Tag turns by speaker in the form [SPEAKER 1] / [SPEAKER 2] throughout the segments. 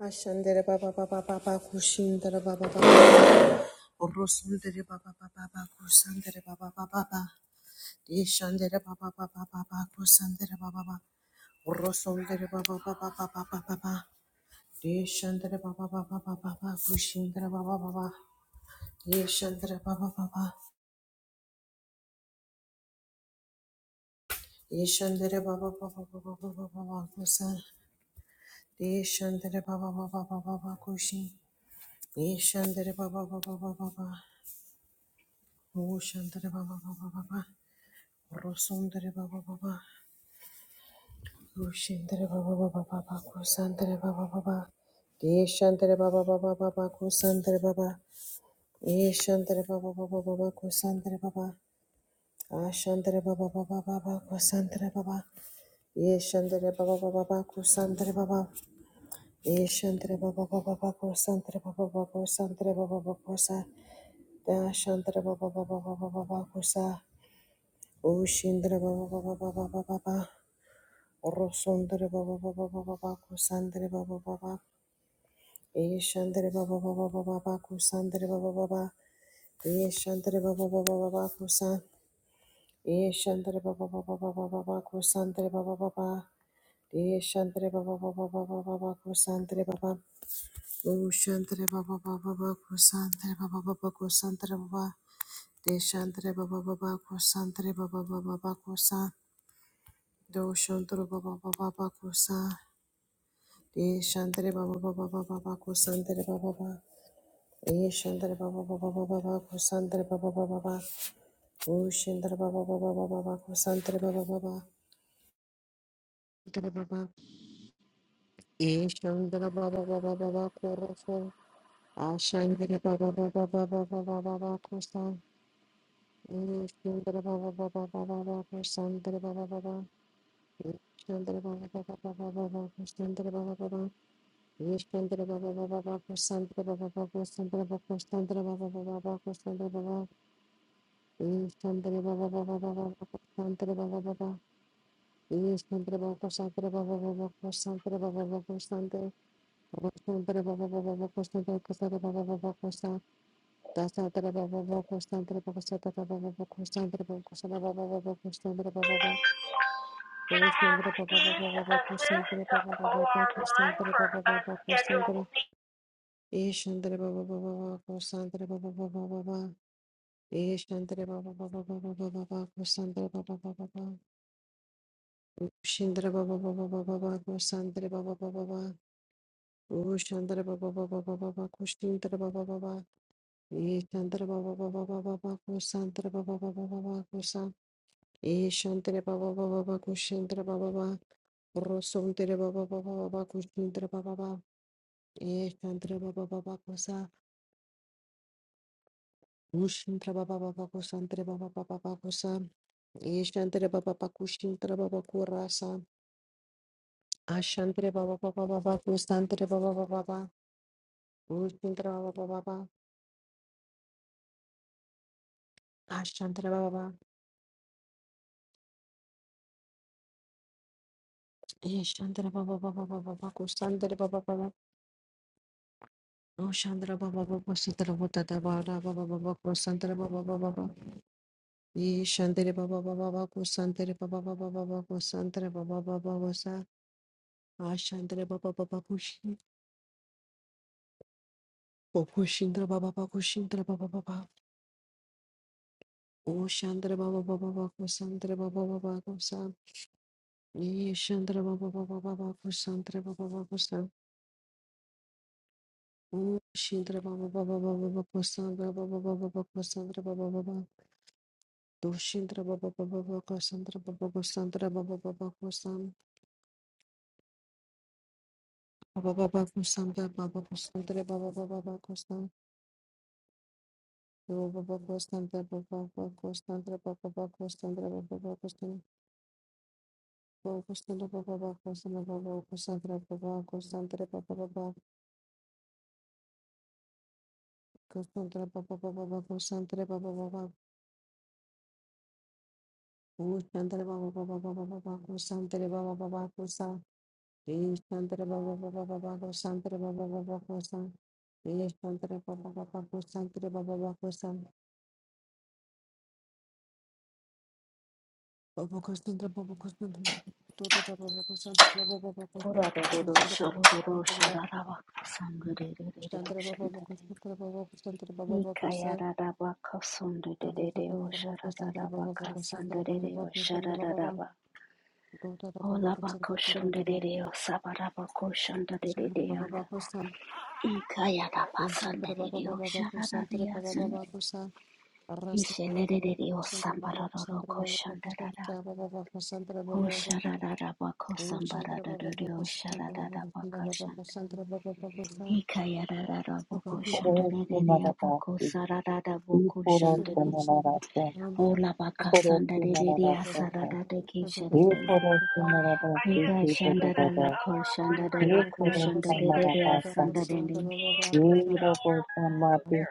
[SPEAKER 1] Ashandere baba baba baba kushindere baba baba orosundere baba baba baba kusandere baba baba baba yeshandere baba baba baba kusandere baba baba orosundere baba baba baba baba yeshandere baba baba baba kushindere baba baba yeshandere baba baba yeshandere baba baba baba baba baba kusan yeshandere baba baba baba baba kushin yeshandere baba baba baba baba Oshandere baba baba baba Orosundere baba baba, Rushendere baba baba baba, Kusandere baba baba, Deshandere baba baba baba, Kusandere baba, Eshandere baba baba baba, Kusandere baba, Ashandere baba baba baba, Kusandere baba, Eshandere baba baba baba, Kusandere baba, Eshandere baba baba baba, Kusandere baba baba, Kusandere baba baba, Kusa, Dashandere baba baba baba baba, Kusa, Ushindere baba baba baba baba, Orosondere baba baba baba baba kusandere baba baba Eshandere baba baba baba baba kusandere baba baba Eshandere baba baba baba kusan Eshandere baba baba baba baba kusandere baba baba Eshandere baba baba baba baba kusandere baba Ushandere baba baba baba kusandere baba baba kusandere baba Deshandere baba baba kusandere baba baba baba kusan Doshandere baba baba baba kusan Ye Shandare Baba Baba Baba Baba Kusandare Baba Baba Ye Shandare Baba Baba Baba Baba Kusandare Baba Baba Baba O Shandare Baba Baba Baba Baba Kusandare Baba Baba Shandare Baba Ye Shandare Baba Baba Baba Kurofo Ashandare Baba Baba Baba Baba Baba Kusan Ye Shandare Baba Baba Baba Baba Kusandare Baba Baba Ye Shandare Baba Baba Baba Baba Kusandare Baba Baba Yeshandra Baba Baba Baba Sandra Baba Baba Sandra Baba Sandra Baba Baba Baba Sandra Baba Yeshandra Baba Baba Baba Baba Sandra Baba Baba Yeshandra Baba Sandra Baba Baba Baba Sandra Baba Baba Sandra Baba Sandra Baba Baba Baba Sandra Kasara Baba Baba Kosa Dasandra Baba Baba Sandra Baba Sandra Baba Baba Sandra Baba Kosa Baba Baba Sandra Baba Baba
[SPEAKER 2] Can I have
[SPEAKER 1] Yeshandra Baba
[SPEAKER 2] Steve
[SPEAKER 1] Baba Baba
[SPEAKER 2] assist
[SPEAKER 1] Sandra
[SPEAKER 2] the
[SPEAKER 1] Baba
[SPEAKER 2] OR
[SPEAKER 1] Baba
[SPEAKER 2] one
[SPEAKER 1] Sandra
[SPEAKER 2] for
[SPEAKER 1] Baba Baba
[SPEAKER 2] unscheduled
[SPEAKER 1] Sandra Ishandra Baba Baba Baba Kosandra Baba Baba Baba Ishandra Baba Baba Baba Baba Kosandra Baba Baba Baba Shindra Baba Baba Baba Baba Kosandra Baba Baba Baba Ushandra Baba Baba Baba Baba Kushindra Baba Baba Ishandra Baba Baba Baba Baba Kosandra Baba Baba Baba Kosa Ishandra Baba Baba Baba Kushindra Baba Baba Rosundra Baba Baba Baba Kushindra Baba Baba Ishandra Baba Baba Kosa Ushandra Baba Baba Kosandra Baba Baba Baba Kosa Ishantre baba baku shintre baba kurasa. Ashantre baba baba baba kusantre baba baba baba. Ushintre baba baba baba. Ashantre baba baba. Ishantre baba baba baba baba kusantre baba baba. Ushantre baba baba kusantre baba baba baba baba kusantre baba baba baba. Ishantre baba baba baba kusantre baba baba baba kusantre baba baba baba sa. Ashantre baba baba kushi. Bakushintre baba pakushintre baba baba. O Shandra Baba Baba Baba Sandra Baba Baba Kosa. Ye Shandra Baba Baba Baba Kosandra Baba Baba Kosa. O Shindra Baba Baba Baba Kosandra Baba Baba Kosandra Baba Baba. Do Shindra Baba Baba Baba Kosandra Baba Kosandra Baba Baba Kosan. Baba Baba Kosandra Baba Kosandra Baba Baba Kosan. Do Baba Kosandra Baba Baba Kosandra Baba Baba Kosandra Baba Baba Kosan. Baba Kosandra Baba Baba Kosandra Baba Kosandra Baba Kosandra Baba Baba. Kusantre baba baba baba kusantre baba baba kusantre baba baba baba baba kusantre baba baba kusa kusantre baba baba baba kusantre baba baba kusa kusantre baba baba kusantre baba baba kusa baba kusantre baba kusantre todo baba kusantre baba baba kusantre kusantre baba kusantre baba baba kusantre baba kusantre baba baba kusa baba kusantre baba kusantre baba baba kusantre baba baba kusantre baba baba toto baba kusantre baba baba Shantra Baba Baba San, O Shantra Baba Baba Baba Santra Baba
[SPEAKER 2] leave?
[SPEAKER 1] Baba San,
[SPEAKER 2] He
[SPEAKER 1] Rasantra Baba Baba Santra Baba Santra Baba Baba Santra Baba Baba Santra
[SPEAKER 2] Oh
[SPEAKER 1] Baba Baba San,
[SPEAKER 2] sharararabako
[SPEAKER 1] O Shantra Baba Baba
[SPEAKER 2] sambarararario
[SPEAKER 1] Santre Baba
[SPEAKER 2] sharararabaka
[SPEAKER 1] Baba
[SPEAKER 2] shanda.
[SPEAKER 1] Santra Baba Baba Santra Baba Baba San,
[SPEAKER 2] Ikayarararaboko
[SPEAKER 3] Koro si
[SPEAKER 2] shandarereraboko
[SPEAKER 3] manadasi, i
[SPEAKER 2] sarararaboko
[SPEAKER 3] koro
[SPEAKER 1] Baba
[SPEAKER 3] si
[SPEAKER 1] Baba
[SPEAKER 2] shandare.
[SPEAKER 1] San, O Baba Baba
[SPEAKER 3] manadasa,
[SPEAKER 2] Oh labaka
[SPEAKER 3] koro si
[SPEAKER 2] sandarereria
[SPEAKER 1] Baba Santre
[SPEAKER 3] manadasa,
[SPEAKER 1] Baba Baba
[SPEAKER 2] sarararake
[SPEAKER 1] Santra Baba Baba San, Santra Baba Baba Santre
[SPEAKER 3] i
[SPEAKER 1] Baba Baba Santra Baba
[SPEAKER 2] sharare.
[SPEAKER 1] Baba
[SPEAKER 3] koro si manadasi
[SPEAKER 2] Ika
[SPEAKER 3] ki dodododo,
[SPEAKER 2] shandaralako
[SPEAKER 3] i
[SPEAKER 2] shandararako
[SPEAKER 3] koro sa
[SPEAKER 2] shandarereria
[SPEAKER 3] manadasa,
[SPEAKER 2] sandarene.
[SPEAKER 3] i robo sa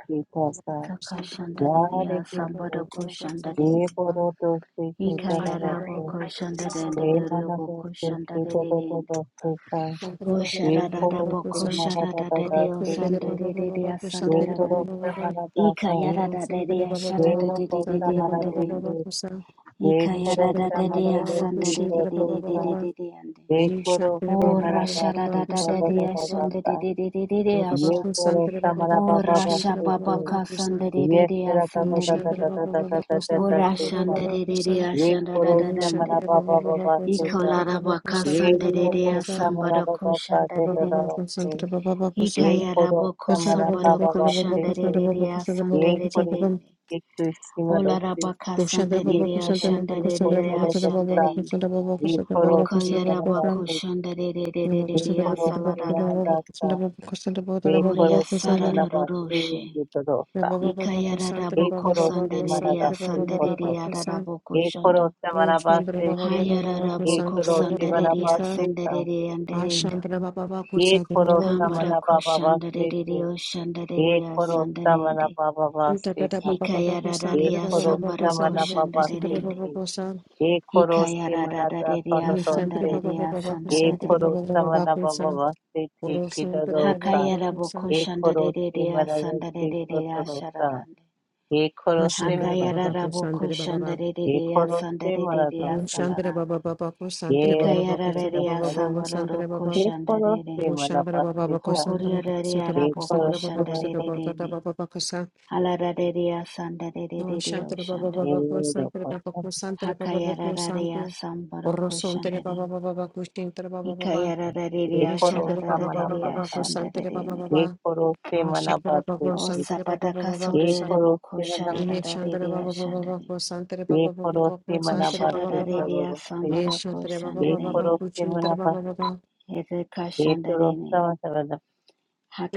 [SPEAKER 3] ki tosa,
[SPEAKER 2] Saka
[SPEAKER 3] yare
[SPEAKER 2] shandareria
[SPEAKER 3] ki ki,
[SPEAKER 2] sambarako
[SPEAKER 1] Santra
[SPEAKER 2] shandarene.
[SPEAKER 1] Baba
[SPEAKER 3] i
[SPEAKER 1] Baba
[SPEAKER 3] koro dosi
[SPEAKER 1] Baba Baba
[SPEAKER 3] ki dododosi,
[SPEAKER 2] Ikayaraboko
[SPEAKER 1] Baba
[SPEAKER 3] i
[SPEAKER 2] shandarereria boko
[SPEAKER 3] manadasi ki
[SPEAKER 2] shandarererende.
[SPEAKER 3] dododosi ka,
[SPEAKER 2] Oh
[SPEAKER 3] i
[SPEAKER 2] sharada
[SPEAKER 3] koro si
[SPEAKER 2] boko sharada de deo
[SPEAKER 3] manadadadasi
[SPEAKER 1] Baba
[SPEAKER 3] ki,
[SPEAKER 2] sanda de de dea
[SPEAKER 3] i
[SPEAKER 2] sanda da da
[SPEAKER 3] koro
[SPEAKER 2] ne.
[SPEAKER 3] sa
[SPEAKER 2] Ika
[SPEAKER 3] manadasa,
[SPEAKER 2] yarada de dea
[SPEAKER 3] i
[SPEAKER 2] sharada de
[SPEAKER 3] robo
[SPEAKER 2] de de
[SPEAKER 3] sa
[SPEAKER 2] de ande de ande.
[SPEAKER 3] एक एक
[SPEAKER 2] Ika
[SPEAKER 3] एक
[SPEAKER 2] yarada de dea sanda de de de de de de de de ande.
[SPEAKER 3] खोरोस्ते
[SPEAKER 2] Oh
[SPEAKER 3] मना पास
[SPEAKER 2] rashada
[SPEAKER 3] तो
[SPEAKER 2] da da
[SPEAKER 3] तो
[SPEAKER 2] de
[SPEAKER 3] तो तो
[SPEAKER 2] dea sanda de
[SPEAKER 3] तोस्ता
[SPEAKER 2] de de de de de
[SPEAKER 3] एक
[SPEAKER 2] asha.
[SPEAKER 3] खोरोस्ता मना
[SPEAKER 2] Oh
[SPEAKER 3] पापा पास
[SPEAKER 2] rasha
[SPEAKER 3] तो
[SPEAKER 2] baba
[SPEAKER 3] तो
[SPEAKER 2] ka sanda de de
[SPEAKER 3] ये
[SPEAKER 2] dea
[SPEAKER 3] तेरा ता ता
[SPEAKER 2] sanda
[SPEAKER 3] ता
[SPEAKER 2] de
[SPEAKER 3] ता ता
[SPEAKER 2] ande.
[SPEAKER 3] ता ता ता ता
[SPEAKER 2] Oh
[SPEAKER 3] ता सेका
[SPEAKER 2] rashanda de de dea
[SPEAKER 3] एक
[SPEAKER 2] sanda da da da
[SPEAKER 3] खोरोस्ते मना
[SPEAKER 2] ande.
[SPEAKER 3] पापा पापा पास तो
[SPEAKER 2] Iko
[SPEAKER 3] तो
[SPEAKER 2] laraba ka
[SPEAKER 3] ये
[SPEAKER 2] sanda de dea
[SPEAKER 1] baba
[SPEAKER 2] samba da ko shanda
[SPEAKER 1] Baba
[SPEAKER 2] de de
[SPEAKER 1] baba
[SPEAKER 2] ande.
[SPEAKER 1] Santa baba baba Santa
[SPEAKER 3] Yekorosa
[SPEAKER 2] Hikayaraboko
[SPEAKER 1] Santa baba baba
[SPEAKER 2] Sambaroko
[SPEAKER 3] malalegi kotosa. Yekorose malabasu kodadadadasa. एक malabababasuku.
[SPEAKER 1] Santa
[SPEAKER 3] Yesera dadadadadadadadadadadadaseka. Yekorosa malababababaseka. Yekosa malababababasedadadase.
[SPEAKER 1] baba
[SPEAKER 2] Shandarerea
[SPEAKER 3] Yekorosa
[SPEAKER 1] Santa
[SPEAKER 3] malabababaseku.
[SPEAKER 1] baba Santa baba Santa
[SPEAKER 3] Yekorosa
[SPEAKER 1] baba
[SPEAKER 2] Sandarerene.
[SPEAKER 3] yekusimadose.
[SPEAKER 2] Olarabaka
[SPEAKER 1] Do Santa baba
[SPEAKER 2] Sandarerea
[SPEAKER 1] Santa
[SPEAKER 3] Yekorosa
[SPEAKER 1] baba Santa baba
[SPEAKER 2] Shandarerea
[SPEAKER 1] Santa
[SPEAKER 3] kotorodasa.
[SPEAKER 1] baba
[SPEAKER 2] Shandarende.
[SPEAKER 1] Santa baba Santa baba
[SPEAKER 3] Yekorosi
[SPEAKER 1] Santa baba
[SPEAKER 2] Okayarabako
[SPEAKER 3] manabase,
[SPEAKER 1] Santa
[SPEAKER 2] Shandarerea
[SPEAKER 1] baba Santa
[SPEAKER 3] yekorosi
[SPEAKER 1] baba
[SPEAKER 2] Salararande.
[SPEAKER 3] manadasa,
[SPEAKER 1] Santa baba Santa baba Santa baba
[SPEAKER 2] Oria
[SPEAKER 3] yekorosi
[SPEAKER 1] Santa
[SPEAKER 3] manabase,
[SPEAKER 2] Sararoroshe.
[SPEAKER 3] yekorosa,
[SPEAKER 1] baba baba Santa
[SPEAKER 2] Hikayaraboko
[SPEAKER 1] baba
[SPEAKER 3] yekorosi
[SPEAKER 1] baba
[SPEAKER 2] Sandarerea
[SPEAKER 1] Santa baba
[SPEAKER 3] manadase
[SPEAKER 1] baba
[SPEAKER 3] koto,
[SPEAKER 2] Sandarerea
[SPEAKER 1] baba Santa
[SPEAKER 2] Raboko Shanda.
[SPEAKER 3] yekorosi manabase ke,
[SPEAKER 2] Hayaraboko
[SPEAKER 3] yekorosi
[SPEAKER 2] Sandarerea
[SPEAKER 3] manabase ka,
[SPEAKER 2] Sandarerea
[SPEAKER 1] Om
[SPEAKER 2] Anderenda.
[SPEAKER 1] Shantra Baba Baba Baba Shantra Baba Baba Shantra Baba Baba Shantra Baba
[SPEAKER 3] yekorosa
[SPEAKER 1] Baba
[SPEAKER 2] Hambara
[SPEAKER 3] manabababase ke,
[SPEAKER 2] Kushandarerea Shandarerea
[SPEAKER 3] yekorosa
[SPEAKER 2] Sandarende.
[SPEAKER 3] manabababase
[SPEAKER 1] Santere
[SPEAKER 3] ka,
[SPEAKER 1] Baba Baba Santere
[SPEAKER 2] Hikayarararia
[SPEAKER 1] Baba Baba
[SPEAKER 3] yekorosa
[SPEAKER 2] sambara
[SPEAKER 1] Santere Baba Santere
[SPEAKER 3] manababase
[SPEAKER 2] koshandarerende.
[SPEAKER 1] Baba
[SPEAKER 3] ke,
[SPEAKER 1] Baba
[SPEAKER 3] yekorosi manadasa
[SPEAKER 2] Hikayarararia
[SPEAKER 1] Santere
[SPEAKER 3] dodose,
[SPEAKER 1] Baba Baba Santere Baba
[SPEAKER 2] sandararia
[SPEAKER 1] Baba Baba Santere
[SPEAKER 2] sandarerende.
[SPEAKER 1] Baba
[SPEAKER 3] yekorosa
[SPEAKER 1] Baba
[SPEAKER 3] manabababase ke
[SPEAKER 1] Santere Baba
[SPEAKER 3] kidadosa,
[SPEAKER 2] Hakayarabo
[SPEAKER 3] Ekorosi
[SPEAKER 2] koshandareria
[SPEAKER 3] mararasi
[SPEAKER 2] sandareria
[SPEAKER 3] kotorosa.
[SPEAKER 2] shararande.
[SPEAKER 3] Ekorosi merata.
[SPEAKER 1] Baba
[SPEAKER 2] Hakayarabo
[SPEAKER 1] Santere Baba Baba Santere Baba
[SPEAKER 2] koshandareria
[SPEAKER 3] Ekorosi
[SPEAKER 2] sandareria
[SPEAKER 1] Baba
[SPEAKER 3] maratasi.
[SPEAKER 1] Santere
[SPEAKER 2] salarande.
[SPEAKER 1] Baba Baba Santere Baba Baba Santere Baba Santere Baba Baba
[SPEAKER 3] Ekorosi
[SPEAKER 2] Hikayarararia sambaroro
[SPEAKER 1] Santere Baba
[SPEAKER 3] Ekorosi
[SPEAKER 2] koshandarerende.
[SPEAKER 3] marapasita.
[SPEAKER 2] Hokoriararia
[SPEAKER 1] Santere Baba
[SPEAKER 2] rabo
[SPEAKER 1] Santere Baba Santere Baba Baba Baba Santere Baba Baba Santere Baba Santere Baba Baba Santere Baba Baba Santere Baba Baba
[SPEAKER 3] Ekorosi marato.
[SPEAKER 2] koshandarerende. Alararia sandareria shandare.
[SPEAKER 3] Ekorosa.
[SPEAKER 2] Hakayarararia sambaro koshandarin.
[SPEAKER 1] Santere Baba Baba
[SPEAKER 2] Ikayarararia
[SPEAKER 1] Nishankara
[SPEAKER 3] Ekorosa
[SPEAKER 1] Baba Baba
[SPEAKER 2] shararararia
[SPEAKER 1] Baba
[SPEAKER 3] marapasa.
[SPEAKER 1] Kusantere Baba
[SPEAKER 2] shandarin.
[SPEAKER 1] Baba
[SPEAKER 3] Ekorosi
[SPEAKER 1] Shankara Baba
[SPEAKER 2] O
[SPEAKER 3] marapasiti.
[SPEAKER 1] Kusantere Baba
[SPEAKER 2] sapataka
[SPEAKER 1] Baba Kusan
[SPEAKER 2] sorere boko
[SPEAKER 3] Ekorosi marapasiti.
[SPEAKER 1] Nishankara
[SPEAKER 2] shararararia
[SPEAKER 1] Baba Baba
[SPEAKER 2] shandarin.
[SPEAKER 1] Kusantere Baba Baba
[SPEAKER 3] Ekorosi
[SPEAKER 1] Kusantere Baba
[SPEAKER 3] marapasita
[SPEAKER 1] Baba
[SPEAKER 2] Hosharararia
[SPEAKER 3] lorosi.
[SPEAKER 2] sambaro
[SPEAKER 1] Nishankara Baba
[SPEAKER 2] koshandarin.
[SPEAKER 1] Baba
[SPEAKER 3] Ekorosi
[SPEAKER 1] Kuchintere Baba
[SPEAKER 3] marapasita.
[SPEAKER 1] Baba
[SPEAKER 2] Ereka
[SPEAKER 3] Ekorosa
[SPEAKER 2] shandarin.
[SPEAKER 3] marapasita.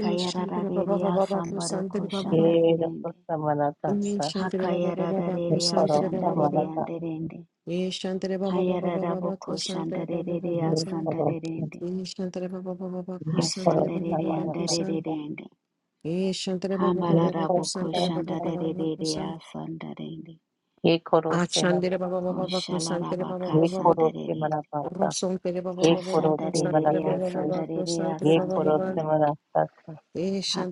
[SPEAKER 1] Nishankara Baba Baba
[SPEAKER 2] sambaro
[SPEAKER 1] Kusantere Baba Baba
[SPEAKER 2] koshandarin.
[SPEAKER 3] Ekorosa maratasa.
[SPEAKER 1] Nishankara Baba Baba
[SPEAKER 3] Ye
[SPEAKER 2] Hakayarararia
[SPEAKER 3] koro
[SPEAKER 1] Kusantere Baba Baba
[SPEAKER 3] samarata,
[SPEAKER 2] shandarin.
[SPEAKER 1] Nishankara Baba Baba Baba
[SPEAKER 2] Hayararaboko
[SPEAKER 1] Kusantere Baba Baba
[SPEAKER 2] shandarin.
[SPEAKER 3] ye
[SPEAKER 1] Kusan
[SPEAKER 3] koro
[SPEAKER 2] Sandarin.
[SPEAKER 1] Nishankara Baba Baba
[SPEAKER 3] ye koro
[SPEAKER 1] Kusantere Baba
[SPEAKER 2] Hashandarere
[SPEAKER 1] Baba
[SPEAKER 3] samarata,
[SPEAKER 1] Kusan
[SPEAKER 2] andarerende.
[SPEAKER 1] Ishantre Baba
[SPEAKER 3] ye
[SPEAKER 1] Baba Baba
[SPEAKER 2] Hambalaraboko
[SPEAKER 3] koro
[SPEAKER 1] Kusantre Baba Baba
[SPEAKER 2] shandarerere
[SPEAKER 1] Baba
[SPEAKER 2] asandarende.
[SPEAKER 3] ye koro
[SPEAKER 1] Achandere baba
[SPEAKER 3] samarata,
[SPEAKER 1] baba baba kusantere baba
[SPEAKER 2] Hoshalarabaka
[SPEAKER 3] ye
[SPEAKER 1] baba baba
[SPEAKER 3] koro
[SPEAKER 2] sandarerende.
[SPEAKER 3] samarata,
[SPEAKER 1] rosontere baba
[SPEAKER 3] ye
[SPEAKER 1] baba
[SPEAKER 3] koro
[SPEAKER 1] baba
[SPEAKER 2] Hashandarere
[SPEAKER 1] kusantere
[SPEAKER 3] samarata,
[SPEAKER 1] baba baba
[SPEAKER 2] asandarere
[SPEAKER 1] kusantere
[SPEAKER 3] ye
[SPEAKER 1] baba
[SPEAKER 3] koro
[SPEAKER 1] baba
[SPEAKER 2] asandarende.
[SPEAKER 3] samarata,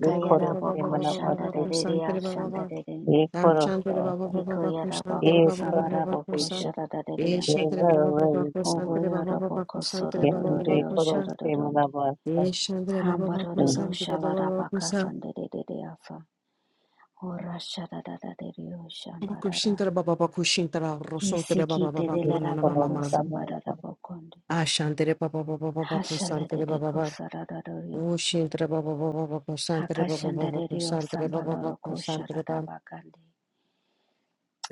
[SPEAKER 3] ye
[SPEAKER 1] baba
[SPEAKER 3] koro
[SPEAKER 1] baba baba
[SPEAKER 3] samarata, ye
[SPEAKER 1] baba
[SPEAKER 3] koro
[SPEAKER 2] shandarere
[SPEAKER 1] kusantere baba baba
[SPEAKER 3] samarata, ye
[SPEAKER 2] ashandarende.
[SPEAKER 3] koro
[SPEAKER 1] achantere baba
[SPEAKER 3] samarata,
[SPEAKER 1] baba baba
[SPEAKER 3] ye
[SPEAKER 1] kusantere
[SPEAKER 2] Hikoyaraboko
[SPEAKER 1] baba
[SPEAKER 3] koro
[SPEAKER 1] baba baba
[SPEAKER 2] sabaraboko
[SPEAKER 1] kusa
[SPEAKER 3] yes,
[SPEAKER 2] shararerende.
[SPEAKER 1] eshantere
[SPEAKER 3] ye
[SPEAKER 1] baba baba kusantere baba baba
[SPEAKER 2] Hogoyoraboko
[SPEAKER 1] kusantere baba baba
[SPEAKER 2] sorororio
[SPEAKER 3] koro
[SPEAKER 1] kusa
[SPEAKER 2] shararende.
[SPEAKER 3] samarata,
[SPEAKER 1] eshantere baba baba
[SPEAKER 3] ye
[SPEAKER 2] Hambarororo
[SPEAKER 1] kusantere baba baba
[SPEAKER 2] shalarabaka
[SPEAKER 1] kusa
[SPEAKER 2] sandarere asa. Ora shararereo shambarara.
[SPEAKER 1] kushintere baba baba kushintara rosontere baba
[SPEAKER 2] Isikite
[SPEAKER 1] baba
[SPEAKER 2] de la
[SPEAKER 1] kuna na
[SPEAKER 3] koro
[SPEAKER 1] mama
[SPEAKER 2] raboko
[SPEAKER 1] mama
[SPEAKER 2] sambara
[SPEAKER 3] samarata,
[SPEAKER 2] rabokonde.
[SPEAKER 1] Ashantere baba baba baba
[SPEAKER 2] Hashala
[SPEAKER 1] kusantere
[SPEAKER 2] de
[SPEAKER 1] baba
[SPEAKER 2] de
[SPEAKER 1] baba
[SPEAKER 2] kosara raroriosan.
[SPEAKER 1] Ushintre baba baba baba santre baba
[SPEAKER 2] Hakashanda
[SPEAKER 1] baba
[SPEAKER 2] de rio
[SPEAKER 1] santre baba
[SPEAKER 2] sambaloro
[SPEAKER 1] baba santre
[SPEAKER 2] koshara
[SPEAKER 1] baba
[SPEAKER 2] rabakande.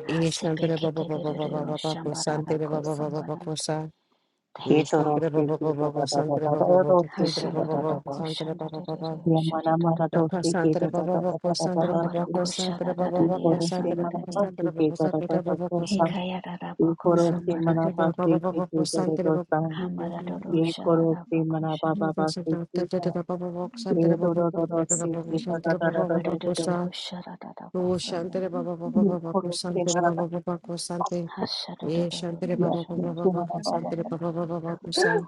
[SPEAKER 1] ishantre baba
[SPEAKER 2] Hasepekete
[SPEAKER 1] baba
[SPEAKER 2] de
[SPEAKER 1] baba
[SPEAKER 2] rio
[SPEAKER 1] baba
[SPEAKER 2] shambara
[SPEAKER 1] santre baba
[SPEAKER 2] rako
[SPEAKER 1] baba baba
[SPEAKER 2] sambarande.
[SPEAKER 1] sa
[SPEAKER 2] Thank you,
[SPEAKER 3] Keto
[SPEAKER 2] Lord.
[SPEAKER 1] dushantre
[SPEAKER 3] rosti
[SPEAKER 1] baba baba
[SPEAKER 3] keto da
[SPEAKER 1] baba
[SPEAKER 3] da da
[SPEAKER 1] santre
[SPEAKER 3] da
[SPEAKER 1] baba
[SPEAKER 3] da
[SPEAKER 1] baba
[SPEAKER 3] rosti
[SPEAKER 1] santre
[SPEAKER 3] keto
[SPEAKER 2] Hashala
[SPEAKER 1] baba
[SPEAKER 3] da da
[SPEAKER 2] do
[SPEAKER 1] baba
[SPEAKER 3] da.
[SPEAKER 1] santre
[SPEAKER 2] koshanda
[SPEAKER 1] baba
[SPEAKER 2] de
[SPEAKER 1] baba
[SPEAKER 2] rio
[SPEAKER 3] Ya
[SPEAKER 2] shara
[SPEAKER 3] mana
[SPEAKER 2] do
[SPEAKER 3] mana
[SPEAKER 2] do do
[SPEAKER 1] Daka
[SPEAKER 2] do.
[SPEAKER 3] rosti
[SPEAKER 1] santre
[SPEAKER 3] keto da
[SPEAKER 1] baba
[SPEAKER 3] da da da
[SPEAKER 1] baba
[SPEAKER 3] da
[SPEAKER 1] santre
[SPEAKER 3] da
[SPEAKER 1] baba
[SPEAKER 2] Hambaro
[SPEAKER 1] baba santre
[SPEAKER 2] koshara da
[SPEAKER 1] baba
[SPEAKER 2] da de
[SPEAKER 1] baba santre
[SPEAKER 3] mana
[SPEAKER 2] asambara
[SPEAKER 1] baba santre
[SPEAKER 2] rende.
[SPEAKER 3] pasti
[SPEAKER 1] baba
[SPEAKER 3] keto da
[SPEAKER 1] santre
[SPEAKER 3] da
[SPEAKER 1] baba
[SPEAKER 3] da da
[SPEAKER 1] baba
[SPEAKER 3] da.
[SPEAKER 1] santre
[SPEAKER 2] Hikaya raboko sambara
[SPEAKER 3] mana
[SPEAKER 1] baba
[SPEAKER 2] rende.
[SPEAKER 3] pasti keto
[SPEAKER 1] baba
[SPEAKER 3] da da
[SPEAKER 1] santre
[SPEAKER 3] da
[SPEAKER 1] baba baba santre baba baba santre baba baba santre baba baba santre
[SPEAKER 2] Hambara do do
[SPEAKER 3] Ye
[SPEAKER 2] shala
[SPEAKER 3] korosti
[SPEAKER 2] rabako
[SPEAKER 3] mana ba
[SPEAKER 2] shanda.
[SPEAKER 3] ba pasti keto. Ye do do do rosti keto da da da
[SPEAKER 1] baba
[SPEAKER 3] da
[SPEAKER 2] Hambara do
[SPEAKER 1] baba
[SPEAKER 3] rosti.
[SPEAKER 1] sa
[SPEAKER 2] koshara da
[SPEAKER 1] Oh, Shantere Baba Baba
[SPEAKER 3] Ye
[SPEAKER 1] Baba
[SPEAKER 3] korosti
[SPEAKER 1] Kusantere
[SPEAKER 3] mana ba.
[SPEAKER 1] Baba Baba Kusante. Ye Shantere
[SPEAKER 2] Hashadododoro
[SPEAKER 3] Ya
[SPEAKER 1] Baba Baba
[SPEAKER 2] Shandari.
[SPEAKER 3] rosti
[SPEAKER 1] Baba
[SPEAKER 3] mana ba ba
[SPEAKER 1] Kusantere
[SPEAKER 3] pasti.
[SPEAKER 1] Baba Baba Baba Kusan.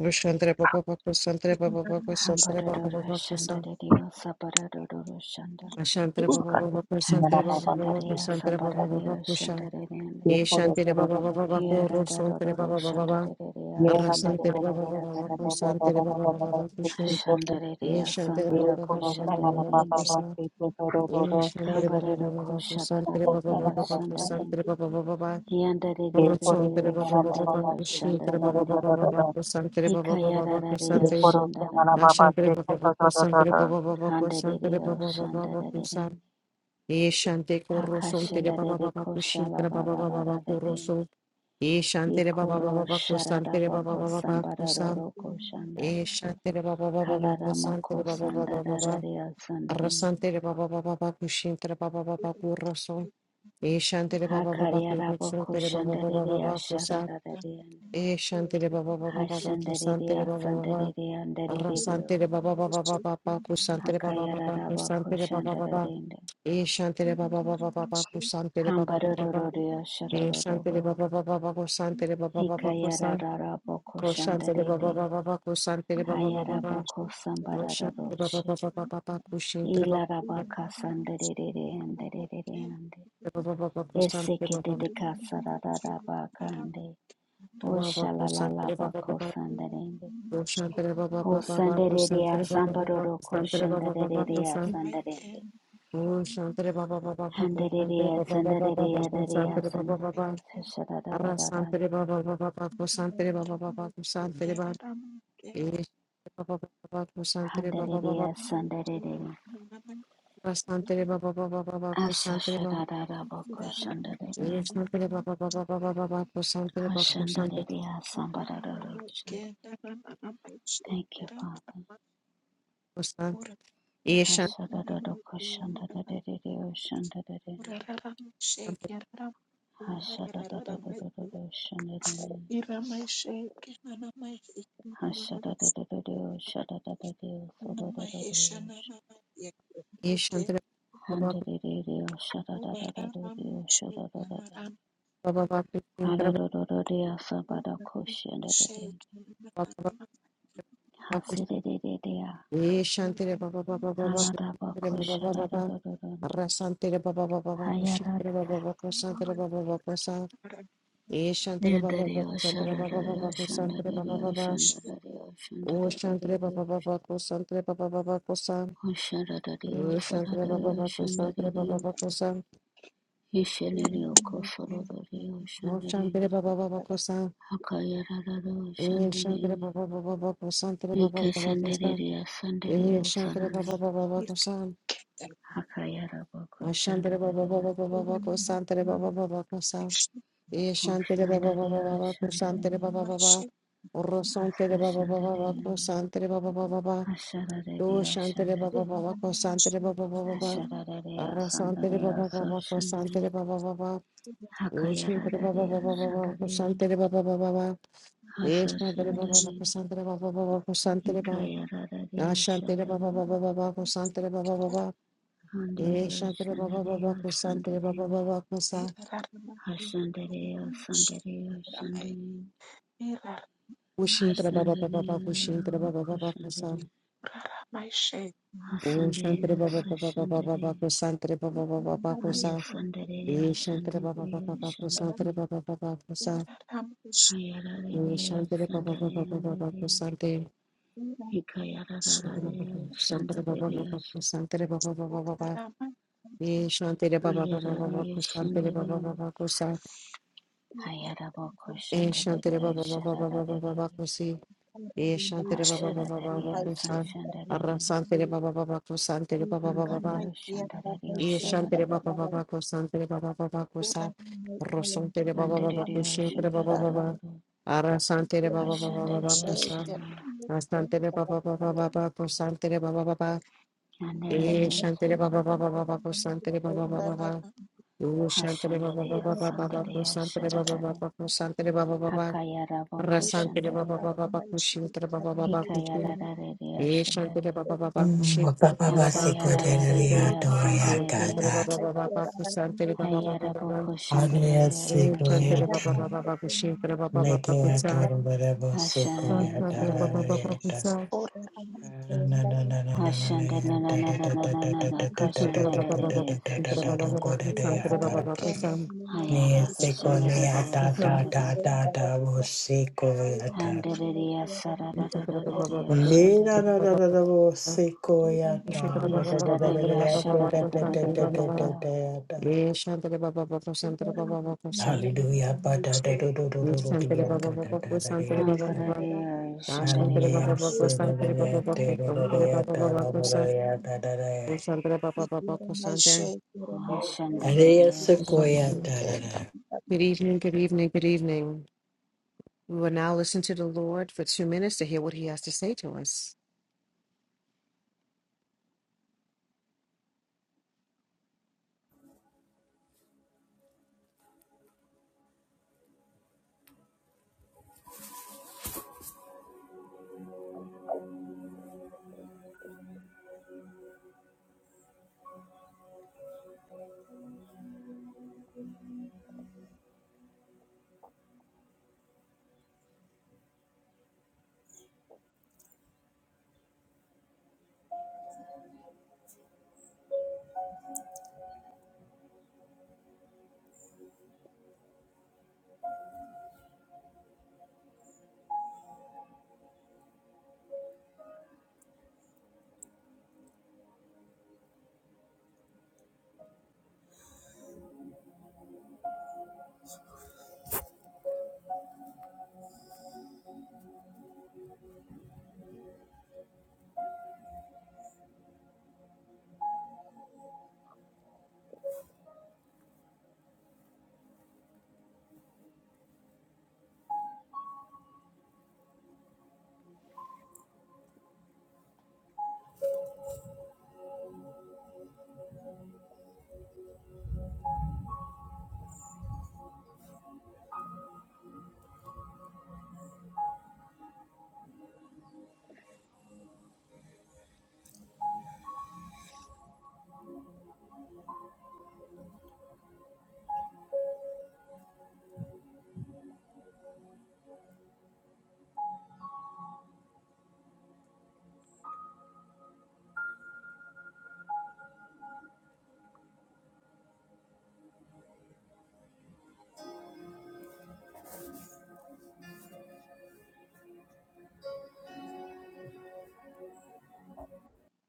[SPEAKER 1] Rushantere Baba Baba Kusantere Baba Baba Kusantere Baba
[SPEAKER 2] Hambadodoro
[SPEAKER 1] Baba Kusan.
[SPEAKER 2] Shandari Sabadodoro Shanda.
[SPEAKER 1] Ashantere Baba Baba
[SPEAKER 3] Mana
[SPEAKER 1] Kusantere
[SPEAKER 2] Haka
[SPEAKER 3] ba
[SPEAKER 1] Baba
[SPEAKER 3] ba
[SPEAKER 1] Baba
[SPEAKER 3] pasti
[SPEAKER 2] Shandari
[SPEAKER 3] keto
[SPEAKER 1] Kusantere
[SPEAKER 3] da da.
[SPEAKER 1] Baba Baba
[SPEAKER 2] Sambadari
[SPEAKER 1] Kusan.
[SPEAKER 2] Shandari.
[SPEAKER 3] Ye
[SPEAKER 1] Ye
[SPEAKER 3] korosti
[SPEAKER 1] Shantere
[SPEAKER 3] da
[SPEAKER 1] Baba
[SPEAKER 3] da da
[SPEAKER 1] Baba Baba
[SPEAKER 3] da da.
[SPEAKER 1] Kusantere
[SPEAKER 2] Hiaradodoro
[SPEAKER 1] Baba Baba Baba.
[SPEAKER 2] Shandari
[SPEAKER 3] Amen
[SPEAKER 2] Sandari
[SPEAKER 1] Arrasantere Baba Baba Baba
[SPEAKER 2] Sandari.
[SPEAKER 1] Kusantere Baba Baba Baba Kusan. Ye
[SPEAKER 2] Hashandari
[SPEAKER 1] Shantere Baba
[SPEAKER 2] Sambada
[SPEAKER 1] Baba Baba Baba Baba
[SPEAKER 2] Kushandari.
[SPEAKER 1] Kusan. Ye Shantere Baba
[SPEAKER 2] Hambadoro
[SPEAKER 1] Baba Baba Kusantere
[SPEAKER 2] Kushadari
[SPEAKER 1] Baba Baba Baba
[SPEAKER 2] Shandari.
[SPEAKER 1] Kusantere Baba Baba Baba. Rotson tere
[SPEAKER 2] Yandari
[SPEAKER 1] baba baba baba
[SPEAKER 2] Sandari
[SPEAKER 1] kushi tere baba
[SPEAKER 2] Shandari.
[SPEAKER 1] baba baba kusan tere baba baba baba kusan
[SPEAKER 2] Hikayarari
[SPEAKER 1] tere
[SPEAKER 2] Shandari.
[SPEAKER 1] ashan baba baba kusan tere baba baba kusan tere
[SPEAKER 2] Handari
[SPEAKER 1] baba baba baba kusan
[SPEAKER 2] Shandari.
[SPEAKER 1] ye shante korroson tere baba
[SPEAKER 2] Hakashalarede
[SPEAKER 1] baba kushi tere baba baba baba
[SPEAKER 2] koshalalalarararede.
[SPEAKER 1] korroson ye shante tere baba baba
[SPEAKER 2] Ikoro
[SPEAKER 1] baba kusan tere baba
[SPEAKER 2] shararabako
[SPEAKER 1] baba baba kusan
[SPEAKER 2] sandararoro koshanda.
[SPEAKER 1] ye shante tere baba baba baba kusan tere
[SPEAKER 2] Halaramoko
[SPEAKER 1] baba baba baba
[SPEAKER 2] sandarararea
[SPEAKER 1] rasan
[SPEAKER 2] sandarende.
[SPEAKER 1] tere baba baba baba kushi tere baba baba korroson ye shante tere baba baba kurroson
[SPEAKER 2] Hakariaraboko
[SPEAKER 1] tere baba baba
[SPEAKER 2] shandarerea
[SPEAKER 1] baba kusan
[SPEAKER 2] shararareande.
[SPEAKER 1] Eh, Shantire Baba Baba Baba Kusantere
[SPEAKER 2] Hashandarerea
[SPEAKER 1] Baba Baba
[SPEAKER 2] sandarerea andarereon.
[SPEAKER 1] Rasantere Baba Baba Baba Baba Kusantere Baba Baba
[SPEAKER 2] Hakayararabako
[SPEAKER 1] Kusantere Baba Baba
[SPEAKER 2] shandararende.
[SPEAKER 1] Eh, Shantire Baba Baba Baba Kusantere Baba Baba Baba
[SPEAKER 2] Hambarororea
[SPEAKER 1] Eh,
[SPEAKER 2] sharororobo.
[SPEAKER 1] Shantire Baba Baba Baba Kusantere Baba Baba Kusan
[SPEAKER 2] Hikayararaboko
[SPEAKER 1] Koshantere
[SPEAKER 2] shandarede.
[SPEAKER 1] Baba Baba Baba Kusantere Baba Baba Baba
[SPEAKER 2] Hayaraboko
[SPEAKER 1] Koshantere Baba
[SPEAKER 2] sambarararoshe.
[SPEAKER 1] Baba Baba Baba Kushintere Baba Baba Baba
[SPEAKER 2] Ilarabakasanderere anderere ande.
[SPEAKER 1] Baba Kusantere Baba Baba
[SPEAKER 2] Esekete
[SPEAKER 1] Baba
[SPEAKER 2] de kasararabakande.
[SPEAKER 1] Kusantere Baba Baba
[SPEAKER 2] Oshalalabakosanderende.
[SPEAKER 1] Koshantere Baba Baba Baba
[SPEAKER 2] Osandereya
[SPEAKER 1] Kusantere Baba Baba
[SPEAKER 2] sambaroroko
[SPEAKER 1] Kusantere Baba Baba
[SPEAKER 2] shandarereya
[SPEAKER 1] Kusan
[SPEAKER 2] sanderende.
[SPEAKER 1] Oh, Shantere Baba Baba Baba, Shantere
[SPEAKER 2] Handereya
[SPEAKER 1] Baba Baba
[SPEAKER 2] sandarereya
[SPEAKER 1] Baba,
[SPEAKER 2] rereya
[SPEAKER 1] Shantere Baba
[SPEAKER 2] san.
[SPEAKER 1] Baba, Ara Shantere
[SPEAKER 2] Shadadadadadande.
[SPEAKER 1] Baba Baba Baba, Shantere Baba Baba, Shantere Baba, Eh, Baba Baba Baba, Shantere Baba Baba,
[SPEAKER 2] Handereya sanderereya.
[SPEAKER 1] Ara Shantere Baba Baba Baba,
[SPEAKER 2] Asa
[SPEAKER 1] Shantere Baba,
[SPEAKER 2] shadadadabako
[SPEAKER 1] Eh,
[SPEAKER 2] shandarerende.
[SPEAKER 1] Shantere Baba Baba Baba Baba, Shantere Baba, Shantere
[SPEAKER 2] Hashandarereya sambaroroko shand- Thank you, Father.
[SPEAKER 1] Baba, Shan- Eh, Shantere,
[SPEAKER 2] Hasada da da koshan da da da da oshan da da da da. Hasada da da da da da oshan da da da. Hasada da da da da oshan da da da da. Soda da da da oshan.
[SPEAKER 1] Eh, Shantere Baba
[SPEAKER 2] Handa da da da oshan da da da da da oshan da da da da.
[SPEAKER 1] Baba Baba, Shantere
[SPEAKER 2] Hala
[SPEAKER 1] Baba
[SPEAKER 2] da da da da asaba da koshan da da da.
[SPEAKER 1] Baba Baba,
[SPEAKER 2] Hasida da da da.
[SPEAKER 1] Ye shantere baba baba baba
[SPEAKER 2] Hala da ba
[SPEAKER 1] kushantere baba
[SPEAKER 2] koshan da
[SPEAKER 1] baba
[SPEAKER 2] da
[SPEAKER 1] baba
[SPEAKER 2] da da da.
[SPEAKER 1] rasantere baba baba baba
[SPEAKER 2] Hayarat.
[SPEAKER 1] kushantere baba baba kusantere baba baba kusan ye shantere
[SPEAKER 2] Ne
[SPEAKER 1] baba
[SPEAKER 2] da da
[SPEAKER 1] baba
[SPEAKER 2] oshan
[SPEAKER 1] kusantere
[SPEAKER 2] da
[SPEAKER 1] baba
[SPEAKER 2] da da
[SPEAKER 1] baba
[SPEAKER 2] oshan da
[SPEAKER 1] kusantere
[SPEAKER 2] da da
[SPEAKER 1] baba baba
[SPEAKER 2] oshan da da da oshan da
[SPEAKER 1] o
[SPEAKER 2] da da
[SPEAKER 1] shantere baba
[SPEAKER 2] da.
[SPEAKER 1] baba kusantere baba baba kusan
[SPEAKER 2] Oshadadadio,
[SPEAKER 1] ye shantere baba
[SPEAKER 2] Sadadadio,
[SPEAKER 1] baba kusantere baba
[SPEAKER 2] Shandadadio,
[SPEAKER 1] baba kusan
[SPEAKER 2] Ishaladio, Kosolodadio,
[SPEAKER 1] o shantere
[SPEAKER 2] Shandadadio,
[SPEAKER 1] baba baba kusan
[SPEAKER 2] Hakayaradadio,
[SPEAKER 1] ye shantere
[SPEAKER 2] Shandadadio,
[SPEAKER 1] baba baba baba kusantere baba
[SPEAKER 2] Nike
[SPEAKER 1] baba kusan
[SPEAKER 2] Shandadadio,
[SPEAKER 1] ye
[SPEAKER 2] Sandadadio,
[SPEAKER 1] shantere baba
[SPEAKER 2] Sarani,
[SPEAKER 1] baba baba kusan
[SPEAKER 2] Hakayaraboko,
[SPEAKER 1] Ashantere baba baba baba
[SPEAKER 2] Shandadadio,
[SPEAKER 1] baba kusantere baba baba kusan Ye shantere baba baba
[SPEAKER 2] Oshandadadio,
[SPEAKER 1] baba ko shantere
[SPEAKER 2] Shandadadio,
[SPEAKER 1] baba baba ro santere
[SPEAKER 2] Asa
[SPEAKER 1] baba baba baba ko
[SPEAKER 2] Shandadadio,
[SPEAKER 1] shantere baba baba baba do
[SPEAKER 2] Hashadadadio,
[SPEAKER 1] shantere baba
[SPEAKER 2] Shandadadio,
[SPEAKER 1] baba ko shantere baba baba baba
[SPEAKER 2] Hashadadadio,
[SPEAKER 1] ra santere baba
[SPEAKER 2] Sandadadio, So
[SPEAKER 1] baba ko shantere
[SPEAKER 2] Shandadadio,
[SPEAKER 1] baba baba do shantere baba baba
[SPEAKER 2] Hakayaradadio,
[SPEAKER 1] baba ko
[SPEAKER 2] Shandadadio,
[SPEAKER 1] shantere baba baba baba ye
[SPEAKER 2] Hasa
[SPEAKER 1] shantere baba baba ko
[SPEAKER 2] Shandadadio,
[SPEAKER 1] shantere baba baba ko shantere baba na
[SPEAKER 2] Hikayararare
[SPEAKER 1] shantere baba
[SPEAKER 2] Shandare
[SPEAKER 1] baba baba ko shantere baba baba ye
[SPEAKER 2] Handare
[SPEAKER 1] shantere baba baba
[SPEAKER 2] Shandare
[SPEAKER 1] ko shantere baba
[SPEAKER 2] Sandare
[SPEAKER 1] baba ko sa
[SPEAKER 2] Hashandare Sandare Shandare
[SPEAKER 1] Kushintra baba baba baba
[SPEAKER 2] Hashandare
[SPEAKER 1] kushintra baba baba kusa.
[SPEAKER 2] Kushandare
[SPEAKER 1] O Shantara
[SPEAKER 2] Hasandare
[SPEAKER 1] Baba Baba Baba Baba
[SPEAKER 2] Sashandare
[SPEAKER 1] Kusantara Baba Baba Baba
[SPEAKER 2] Haya
[SPEAKER 1] Kusa. E
[SPEAKER 2] Sandare
[SPEAKER 1] Shantara Baba Baba
[SPEAKER 2] Shandare
[SPEAKER 1] Baba Kusantara
[SPEAKER 2] Shandare
[SPEAKER 1] Baba Baba Kusa. O
[SPEAKER 2] Hayarare
[SPEAKER 1] Shantara Baba Baba
[SPEAKER 2] Sandare
[SPEAKER 1] Baba Baba
[SPEAKER 2] Andare
[SPEAKER 1] Kusante.
[SPEAKER 2] Hikayararare
[SPEAKER 1] Shantara
[SPEAKER 2] Shandare
[SPEAKER 1] Baba Baba Kusantara Baba Baba Baba. E Shantara Baba Baba Baba
[SPEAKER 2] Hayarare
[SPEAKER 1] Kusantara Baba
[SPEAKER 2] Shandare
[SPEAKER 1] Baba Kusa.
[SPEAKER 2] Hayarabo
[SPEAKER 1] E
[SPEAKER 2] Kushandare
[SPEAKER 1] Shantara Baba Baba Baba Baba
[SPEAKER 2] Shararare
[SPEAKER 1] Kusi. E Shantara Baba Baba Baba
[SPEAKER 2] Asharadaria
[SPEAKER 1] Kusa.
[SPEAKER 2] Sanshandarin
[SPEAKER 1] Arrasantara Baba Baba Kusantara Baba Baba.
[SPEAKER 2] Angario Shandarario
[SPEAKER 1] Ye shantere
[SPEAKER 2] Shalarin
[SPEAKER 1] baba baba ko santere baba baba ko sa rosantere baba baba ko
[SPEAKER 2] Andarario
[SPEAKER 1] shantere baba baba
[SPEAKER 2] Shanyadododo
[SPEAKER 1] ara santere baba baba baba ko
[SPEAKER 2] Hashandaria
[SPEAKER 1] sa
[SPEAKER 2] Shana
[SPEAKER 1] asantere baba baba baba ko santere baba baba e
[SPEAKER 2] Andararia
[SPEAKER 1] shantere baba
[SPEAKER 2] Sanin
[SPEAKER 1] baba baba ko santere baba baba baba u shantere baba
[SPEAKER 2] Hashandaria
[SPEAKER 1] baba baba baba ko
[SPEAKER 2] Sandaria
[SPEAKER 1] santere baba
[SPEAKER 2] Sharadarin
[SPEAKER 1] baba ko santere baba baba
[SPEAKER 2] Hakayara Vako
[SPEAKER 1] rasantere baba baba
[SPEAKER 2] Shandarin
[SPEAKER 1] baba ko shantere baba baba ko
[SPEAKER 2] Hikayaradaria
[SPEAKER 1] e shantere
[SPEAKER 2] Shandarin
[SPEAKER 1] baba baba ko shantere baba
[SPEAKER 4] Baba
[SPEAKER 1] baba ko rosantere
[SPEAKER 4] Sikoria
[SPEAKER 2] Hakayaradaria
[SPEAKER 1] Baba Baba
[SPEAKER 4] Doria
[SPEAKER 2] Sandarin
[SPEAKER 4] Gada.
[SPEAKER 1] Baba
[SPEAKER 2] Hayara Vako
[SPEAKER 4] Aria
[SPEAKER 2] Shandaria
[SPEAKER 4] Sikoria
[SPEAKER 2] Sanshandarin
[SPEAKER 4] Tan. Media Dora Barabo Sikoria Dara
[SPEAKER 2] Hashandaria
[SPEAKER 4] Riata. Na na na na na na na
[SPEAKER 2] Ashanda na
[SPEAKER 4] ya
[SPEAKER 2] na
[SPEAKER 4] da
[SPEAKER 2] na na
[SPEAKER 4] da
[SPEAKER 2] na
[SPEAKER 4] da
[SPEAKER 2] na
[SPEAKER 4] da
[SPEAKER 2] na
[SPEAKER 4] da
[SPEAKER 2] na
[SPEAKER 4] da da da
[SPEAKER 2] kashanda
[SPEAKER 4] da
[SPEAKER 2] de de
[SPEAKER 4] da
[SPEAKER 2] de
[SPEAKER 4] da da da da da da
[SPEAKER 2] ashanda
[SPEAKER 4] da
[SPEAKER 2] de
[SPEAKER 4] go da da ya da. Me
[SPEAKER 2] hayara kashanda de de
[SPEAKER 4] Sikoria da da
[SPEAKER 2] asanda de
[SPEAKER 4] da da da wo Sikoria da.
[SPEAKER 2] handa de de asara da da da de de
[SPEAKER 4] Me
[SPEAKER 2] ashanda
[SPEAKER 4] na
[SPEAKER 2] de
[SPEAKER 4] na na na na wo Sikoria da da da
[SPEAKER 2] yesa
[SPEAKER 4] da
[SPEAKER 2] da
[SPEAKER 4] da
[SPEAKER 2] da
[SPEAKER 4] da
[SPEAKER 2] de
[SPEAKER 4] da ya da
[SPEAKER 2] ashara
[SPEAKER 4] da
[SPEAKER 2] da da
[SPEAKER 4] da
[SPEAKER 2] da da
[SPEAKER 4] da da
[SPEAKER 2] da
[SPEAKER 4] da
[SPEAKER 2] da
[SPEAKER 4] da
[SPEAKER 1] Baba
[SPEAKER 2] da
[SPEAKER 4] da ya da. Hallelujah. Ba-da-da-do-do-do-do-do-dia, ga-da-da-da-dia.
[SPEAKER 2] hangara de ashanda de de
[SPEAKER 4] Hallelujah.
[SPEAKER 2] ashanda
[SPEAKER 4] Sa-da-da-da, da-da-da-da,
[SPEAKER 1] Baba
[SPEAKER 4] da-da-da-da, da-da-da.
[SPEAKER 1] Sandra Ba- Ba- Ba- Ba- Kosante.
[SPEAKER 2] ashanda de de
[SPEAKER 4] Hallelujah,
[SPEAKER 1] Good
[SPEAKER 2] ashanda
[SPEAKER 4] sequoia,
[SPEAKER 2] de
[SPEAKER 4] da-da-da.
[SPEAKER 1] evening, good evening, good evening. We will now listen to the Lord for two minutes to hear what he has to say to us.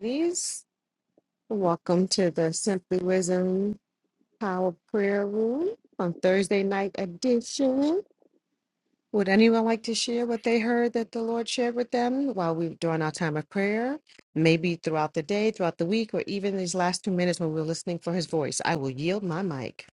[SPEAKER 1] Please, welcome to the Simply Wisdom Power Prayer Room on Thursday night edition. Would anyone like to share what they heard that the Lord shared with them while we during our time of prayer? Maybe throughout the day, throughout the week, or even these last two minutes when we're listening for his voice. I will yield my mic.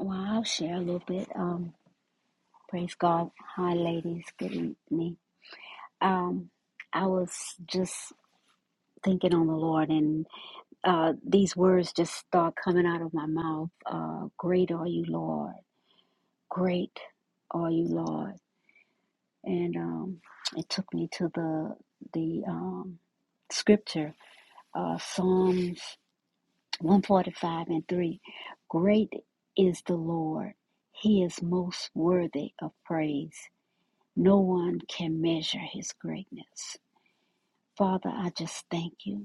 [SPEAKER 2] well I'll share a little bit um praise God hi ladies good evening um I was just thinking on the Lord and. uh, these words just start coming out of my mouth. Uh, great are you, Lord. Great are you, Lord. And um, it took me to the the um, scripture, uh, Psalms one forty five and three. Great is the Lord; He is most worthy of praise. No one can measure His greatness. Father, I just thank you.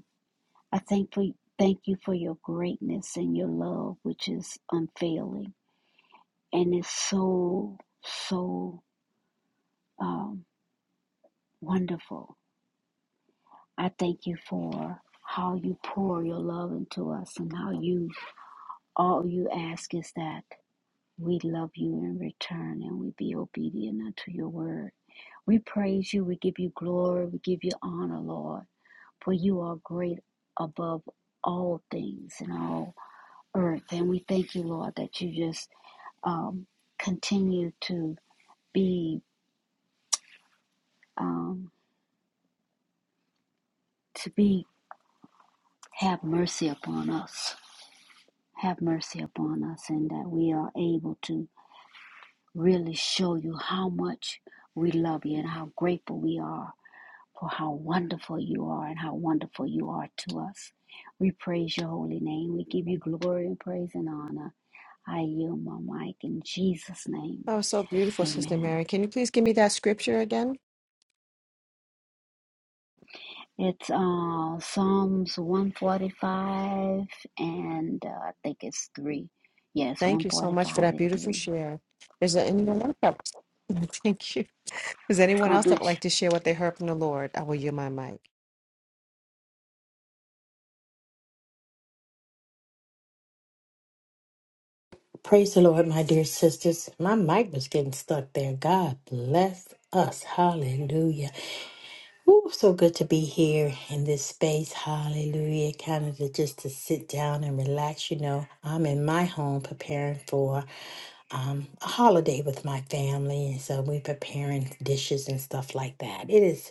[SPEAKER 2] I thank for thank you for your greatness and your love, which is unfailing and is so so um, wonderful. I thank you for how you pour your love into us and how you all you ask is that we love you in return and we be obedient unto your word. We praise you. We give you glory. We give you honor, Lord, for you are great above all things in all earth. And we thank you, Lord, that you just um, continue to be um, to be have mercy upon us have mercy upon us and that we are able to really show you how much we love you and how grateful we are for how wonderful you are and how wonderful you are to us we praise your holy name we give you glory and praise and honor i yield my mic in jesus name
[SPEAKER 1] That was so beautiful, Sister
[SPEAKER 2] amen
[SPEAKER 1] Mary. Can you please give me that scripture again?
[SPEAKER 2] It's uh, Psalms 145 and uh, I think it's 3. Yes,
[SPEAKER 1] Thank you so much for
[SPEAKER 2] 145
[SPEAKER 1] that
[SPEAKER 2] and
[SPEAKER 1] beautiful
[SPEAKER 2] 3.
[SPEAKER 1] share. Is there anyone else? That... Thank you. Is there anyone
[SPEAKER 2] God
[SPEAKER 1] else that would
[SPEAKER 2] bless you.
[SPEAKER 1] like to share what they heard from the Lord? I will yield my mic.
[SPEAKER 4] Praise the Lord, my dear sisters. My mic was getting stuck there. God bless us. Hallelujah. Ooh, so good to be here in this space. Hallelujah. Kind of to, just to sit down and relax. You know, I'm in my home preparing for um, a holiday with my family. And so we're preparing dishes and stuff like that. It is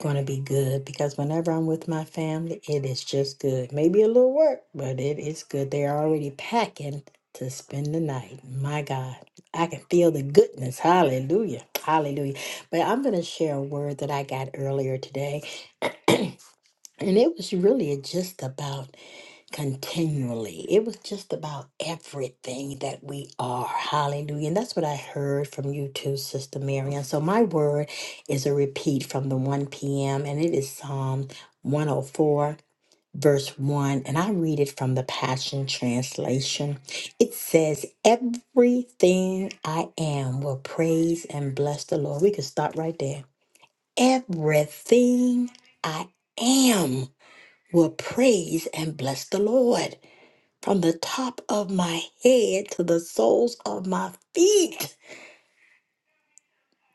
[SPEAKER 4] going to be good because whenever I'm with my family, it is just good. Maybe a little work, but it is good. They're already packing to spend the night. My God, I can feel the goodness. Hallelujah. Hallelujah. But I'm going to share a word that I got earlier today. And it was really just about continually. It was just about everything that we are. Hallelujah. And that's what I heard from you too, Sister Marion. So my word is a repeat from the 1 p.m. and it is Psalm 104. Verse 1, and I read it from the Passion Translation. It says, Everything I am will praise and bless the Lord. We could stop right there Everything I am will praise and bless the Lord from the top of my head to the soles of my feet.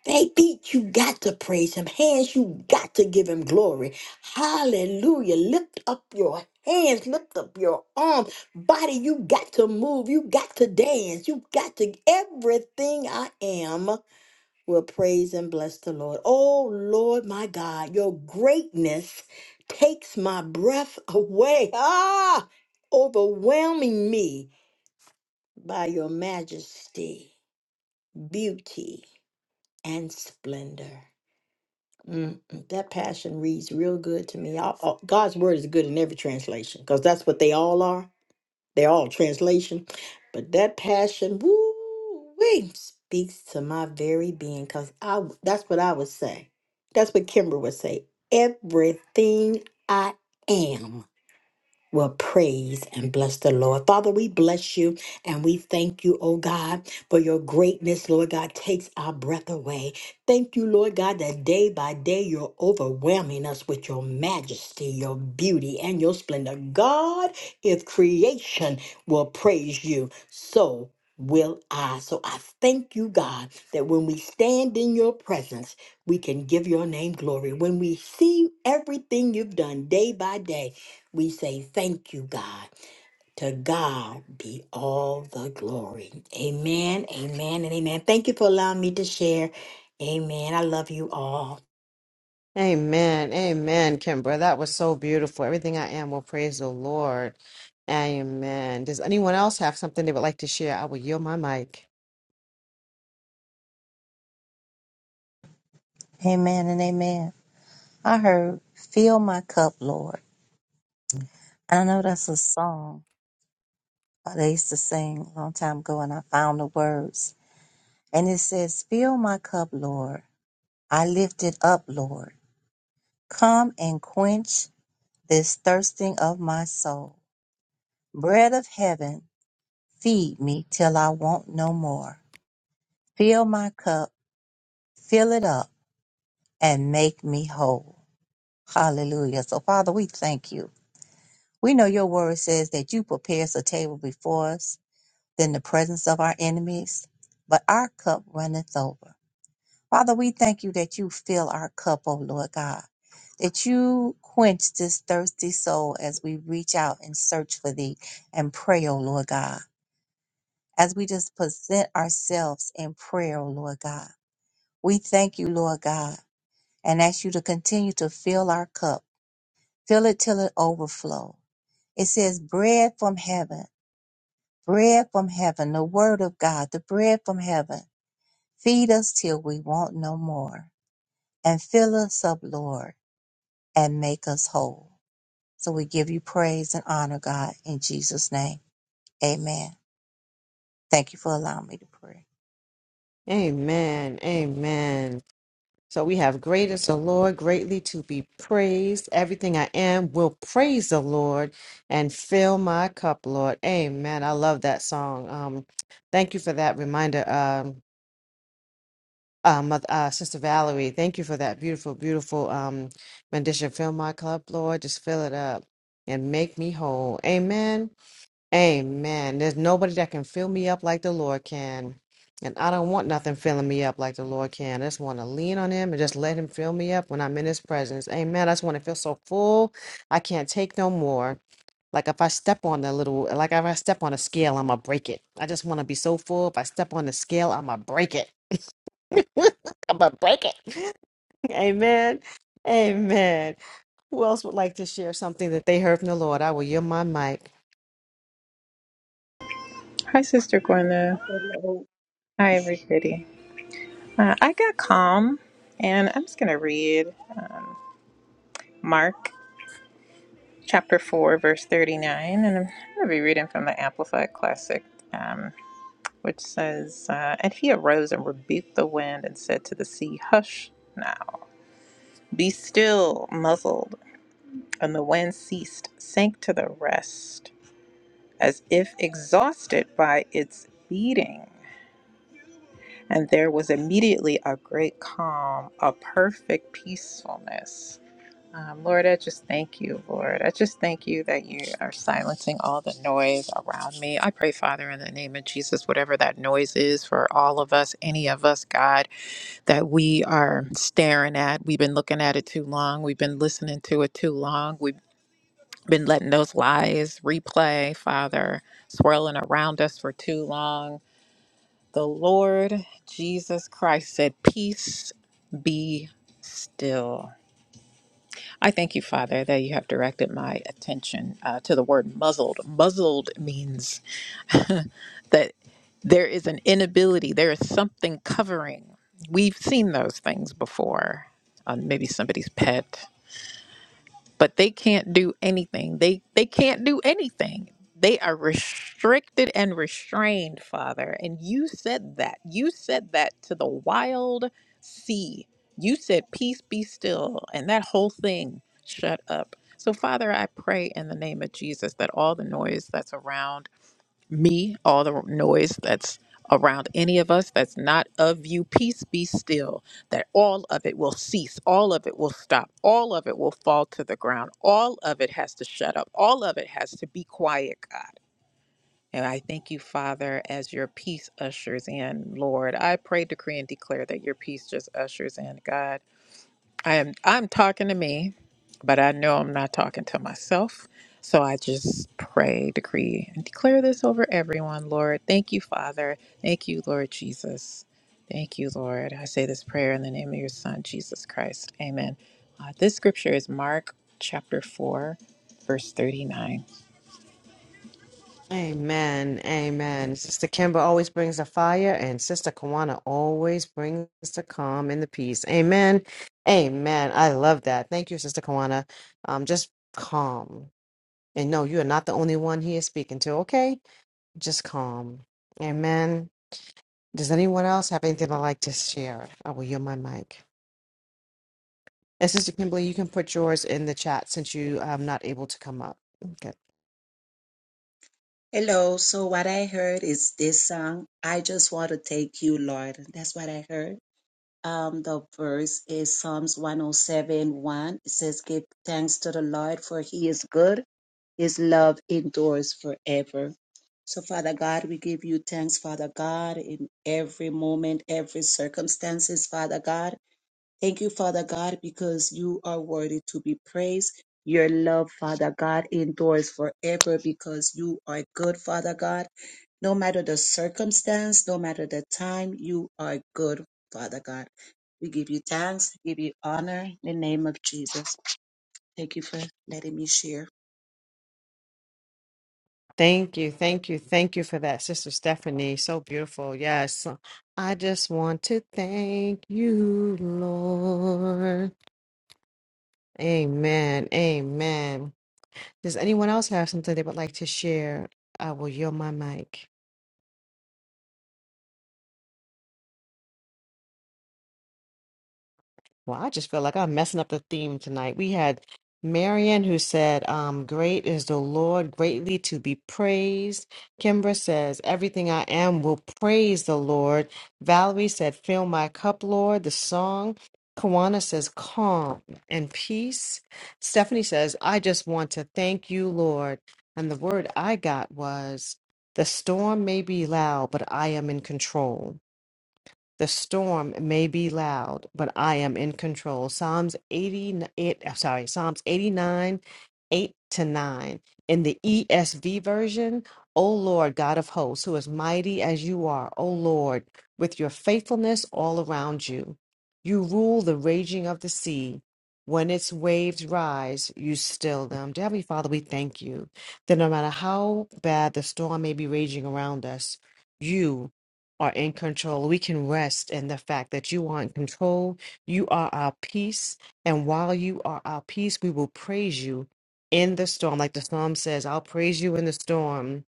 [SPEAKER 4] They beat you got to praise him. Hands you got to give him glory. Hallelujah. Lift up your hands, lift up your arms. Body, you got to move. You got to dance. You got to everything I am. will praise and bless the Lord. Oh, Lord, my God, your greatness takes my breath away. Ah, overwhelming me by your majesty, beauty, and splendor. Mm, mm. that passion reads real good to me. I- I- God's word is good in every translation because that's what they all are. They're all translation, but that passion, woo, speaks to my very being. Cause I, that's what I would say. That's what Kimber would say. Everything I am will praise and bless the Lord. Father, we bless you and we thank you, oh God, for your greatness, Lord God, takes our breath away. Thank you, Lord God, that day by day you're overwhelming us with your majesty, your beauty, and your splendor. God, if creation will praise you, so will I. So I thank you, God, that when we stand in your presence, we can give your name glory. When we see everything you've done day by day, we say thank you, God. To God be all the glory. Amen, amen, and amen. Thank you for allowing me to share. Amen. I love you all.
[SPEAKER 1] Amen. Amen, Kimbra. That was so beautiful. Everything I am will praise the Lord. Amen. Does anyone else have something they would like to share? I will yield my mic.
[SPEAKER 3] and amen. I heard Fill My Cup, Lord. And I know that's a song uh, they used to sing a long time ago, and I found the words. And it says, Fill my cup, Lord. I lift it up, Lord. Come and quench this thirsting of my soul. Bread of heaven, feed me till I want no more. Fill my cup, fill it up, and make me whole. Hallelujah. So, Father, we thank you. We know your word says that you prepare us a table before us in the presence of our enemies, but our cup runneth over. Father, we thank you that you fill our cup, oh Lord God, that you quench this thirsty soul as we reach out and search for thee and pray, oh Lord God, as we just present ourselves in prayer, oh Lord God. We thank you, Lord God, and ask you to continue to fill our cup, fill it till it overflow. It says bread from heaven, bread from heaven, the word of God, the bread from heaven. Feed us till we want no more and fill us up, Lord and make us whole. So we give you praise and honor, God, in Jesus' name. Amen. Thank you for allowing me to pray.
[SPEAKER 1] Amen. Amen. So we have great is the Lord, greatly to be praised. Everything I am will praise the Lord and fill my cup, Lord. Amen. I love that song. Um, thank you for that reminder, um, uh, Mother, uh, Sister Valerie. Thank you for that beautiful, beautiful um, rendition. Fill my cup, Lord. Just fill it up and make me whole. Amen. Amen. There's nobody that can fill me up like the Lord can. And I don't want nothing filling me up like the Lord can. I just want to lean on Him and just let Him fill me up when I'm in His presence. Amen. I just want to feel so full. I can't take no more. Like if I step on a little, like if I step on a scale, I'm going to break it. I just want to be so full. If I step on the scale, I'm going to break it. I'm going to break it. Amen. Amen. Who else would like to share something that they heard from the Lord? I will yield my mic.
[SPEAKER 5] Hi, Sister Gwenda. Hi, everybody. Uh, I got calm, and I'm just going to read Mark chapter 4, verse 39, and I'm going to be reading from the Amplified Classic, um, which says, uh, And he arose and rebuked the wind and said to the sea, 'Hush now, be still, muzzled. And the wind ceased, sank to the rest, as if exhausted by its beating. And there was immediately a great calm, a perfect peacefulness. Um, Lord, I just thank you, Lord. I just thank you that you are silencing all the noise around me. I pray, Father, in the name of Jesus, whatever that noise is for all of us, any of us, God, that we are staring at. We've been looking at it too long. We've been listening to it too long. We've been letting those lies replay, Father, swirling around us for too long the Lord Jesus Christ said, Peace be still. I thank you, Father, that you have directed my attention uh, to the word muzzled. Muzzled means that there is an inability, there is something covering. We've seen those things before. on maybe somebody's pet but they can't do anything. They they can't do anything. They are restricted and restrained, Father. And you said that. You said that to the wild sea. You said, "Peace be still," and that whole thing shut up. So, Father, I pray in the name of Jesus that all the noise that's around me, all the noise that's around any of us that's not of you, peace be still, that all of it will cease, all of it will stop, all of it will fall to the ground, all of it has to shut up, all of it has to be quiet, God. And I thank you, Father, as your peace ushers in, Lord. I pray, decree, and declare that your peace just ushers in, God. I am I'm talking to me, but I know I'm not talking to myself. So I just pray, decree, and declare this over everyone, Lord. Thank you, Father. Thank you, Lord Jesus. Thank you, Lord. I say this prayer in the name of your Son, Jesus Christ. Amen. Uh, this scripture is Mark chapter 4, verse 39.
[SPEAKER 1] Amen. Amen. Sister Kimber always brings the fire, and Sister Kawana always brings the calm and the peace. Amen. Amen. I love that. Thank you, Sister Kawana. Um, just calm. And no, you are not the only one he is speaking to, okay? Just calm. Amen. Does anyone else have anything they'd like to share? I will yield my mic. And Sister Kimberly, you can put yours in the chat since you are not able to come up. Okay.
[SPEAKER 6] Hello. So what I heard is this song, I just want to take you, Lord. That's what I heard. Um, the verse is Psalms 107, It says, give thanks to the Lord for he is good. His love endures forever. So Father God, we give you thanks, Father God, in every moment, every circumstances, Father God. Thank you, Father God, because you are worthy to be praised. Your love, Father God, endures forever because you are good, Father God no matter the circumstance, no matter the time, you are good, Father God. We give you thanks, give you honor in the name of Jesus. Thank you for letting me share.
[SPEAKER 1] Thank you, thank you, thank you for that, Sister Stephanie. So beautiful. Yes. I just want to thank you, Lord. Amen. Amen. Does anyone else have something they would like to share? I will yield my mic. Well, I just feel like I'm messing up the theme tonight. We had Marion who said, um, Great is the Lord, greatly to be praised. Kimbra says, Everything I am will praise the Lord. Valerie said, Fill my cup, Lord, the song. Kawana says, Calm and peace. Stephanie says, I just want to thank you, Lord. And the word I got was, The storm may be loud, but I am in control. The storm may be loud, but I am in control. Psalms 88, I'm sorry, Psalms 89, 8 to 9. In the ESV version, O Lord, God of hosts, who is mighty as you are, O Lord, with your faithfulness all around you. You rule the raging of the sea. When its waves rise, you still them. Dear Heavenly Father, we thank you that no matter how bad the storm may be raging around us, you are in control. We can rest in the fact that you are in control. You are our peace. And while you are our peace, we will praise you in the storm. Like the psalm says, I'll praise you in the storm.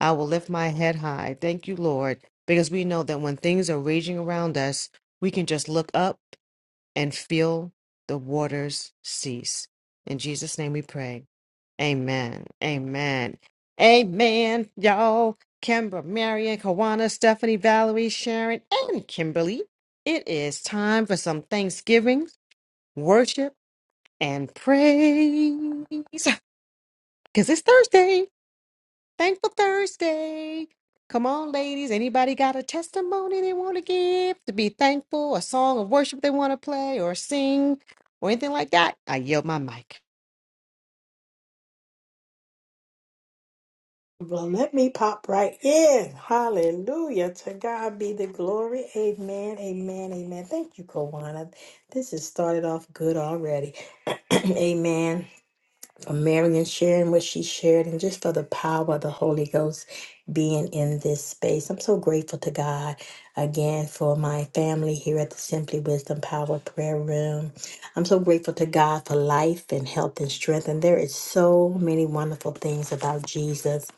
[SPEAKER 1] I will lift my head high. Thank you, Lord, because we know that when things are raging around us, we can just look up and feel the waters cease. In Jesus' name we pray. Amen. Amen. Amen. Y'all, Kimber, Marion, Kawana, Stephanie, Valerie, Sharon, and Kimberly. It is time for some Thanksgiving, worship, and praise. Because it's Thursday. Thankful Thursday. Come on, ladies. Anybody got a testimony they want to give to be thankful, a song of worship they want to play or sing, or anything like that? I yield my mic.
[SPEAKER 4] Well, let me pop right in. Hallelujah. To God be the glory. Amen. Amen. Amen. Thank you, Kawana. This has started off good already. amen. for Marion sharing what she shared and just for the power of the Holy Ghost being in this space. I'm so grateful to God again for my family here at the Simply Wisdom Power Prayer Room. I'm so grateful to God for life and health and strength. And there is so many wonderful things about Jesus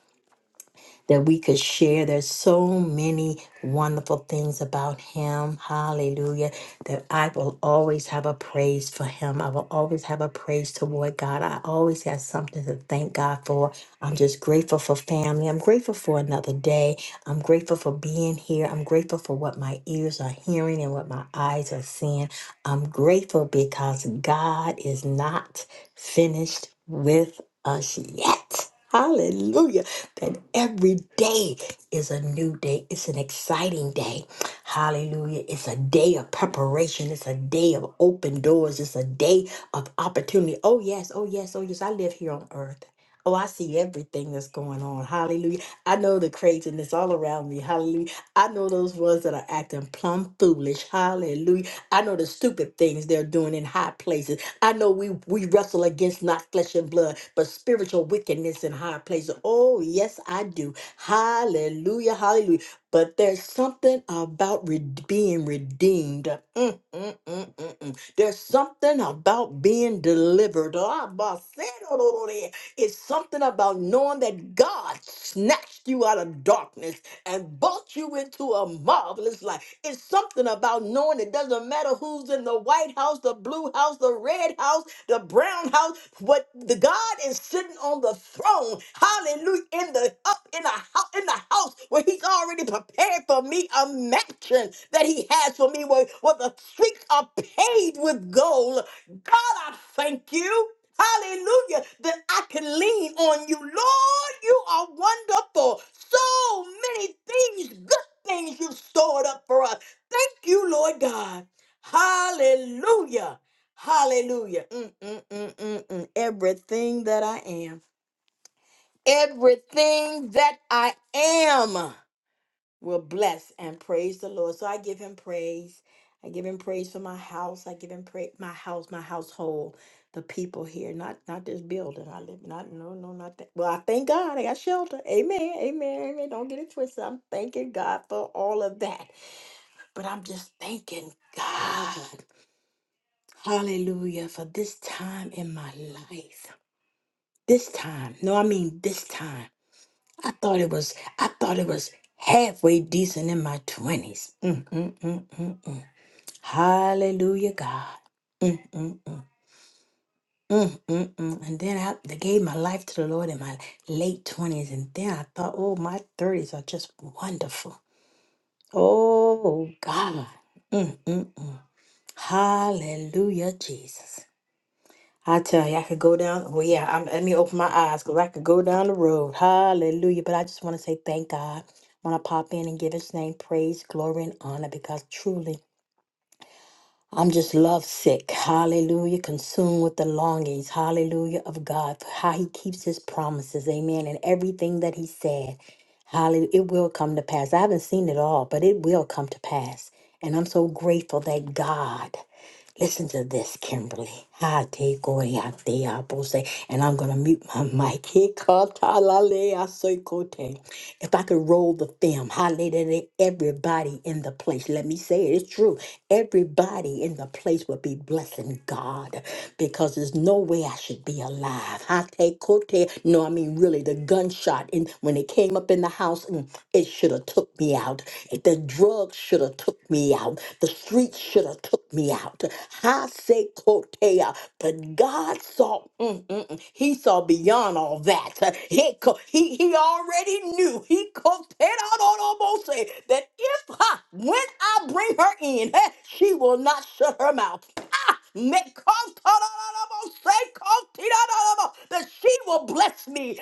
[SPEAKER 4] that we could share. There's so many wonderful things about him. Hallelujah. That I will always have a praise for him. I will always have a praise toward God. I always have something to thank God for. I'm just grateful for family. I'm grateful for another day. I'm grateful for being here. I'm grateful for what my ears are hearing and what my eyes are seeing. I'm grateful because God is not finished with us yet. Hallelujah that every day is a new day. It's an exciting day. Hallelujah. It's a day of preparation. It's a day of open doors. It's a day of opportunity. Oh, yes. Oh, yes. Oh, yes. I live here on earth. Oh, I see everything that's going on. Hallelujah. I know the craziness all around me. Hallelujah. I know those ones that are acting plumb foolish. Hallelujah. I know the stupid things they're doing in high places. I know we, we wrestle against not flesh and blood, but spiritual wickedness in high places. Oh, yes, I do. Hallelujah, hallelujah. But there's something about re- being redeemed. Mm, mm, mm, mm, mm. There's something about being delivered. Ah, bah, said it over there. It's something about knowing that God snatched you out of darkness and brought you into a marvelous life. It's something about knowing it doesn't matter who's in the White House, the blue house, the red house, the brown house. What the God is sitting on the throne, hallelujah, in the up in the house in the house where He's already prepared for me a mansion that He has for me where, where the streets are paved with gold. God, I thank you. Hallelujah. That I can lean on you. Lord, you are wonderful. So many things, good things you've stored up for us. Thank you, Lord God. Hallelujah. Hallelujah. Mm, mm, mm, mm, mm. Everything that I am. Everything that I am will bless and praise the Lord. So I give him praise. I give him praise for my house. I give him praise my house, my household, the people here, not not this building I live. in. Not no no not that. Well, I thank God I got shelter. Amen. Amen. Amen. Don't get it twisted. I'm thanking God for all of that. But I'm just thanking God. Hallelujah for this time in my life. This time. No, I mean this time. I thought it was I thought it was halfway decent in my twenties. Mm, mm, mm, mm, mm. Hallelujah, God. Mm, mm, mm. Mm, mm, mm. And then I they gave my life to the Lord in my late twenties, and then I thought, oh, my thirties are just wonderful. Oh God. Mm, mm, mm. Hallelujah, Jesus. I tell you, I could go down. Well, yeah, I'm, let me open my eyes because I could go down the road. Hallelujah. But I just want to say thank God. I want to pop in and give his name praise, glory, and honor because truly I'm just love sick. Hallelujah. Consumed with the longings. Hallelujah of God for how he keeps his promises. Amen. And everything that he said. Hallelujah. It will come to pass. I haven't seen it all, but it will come to pass. And I'm so grateful that God. Listen to this, Kimberly. Ha te koya te apose. And I'm gonna mute my mic. He ka ta la le a kote. If I could roll the film, hallelujah, everybody in the place. Let me say it, it's true. Everybody in the place would be blessing God because there's no way I should be alive. Ha te kote. No, I mean really the gunshot in when it when it came up in the house, mm, it should have took me out. The drugs should have took me out. The streets should have took me out. I say Kotea, but God saw. mm, mm, mm, he saw beyond all that. He co- he, he already knew. He could that if I when I bring her in, eh, she will not shut her mouth. That she will bless me.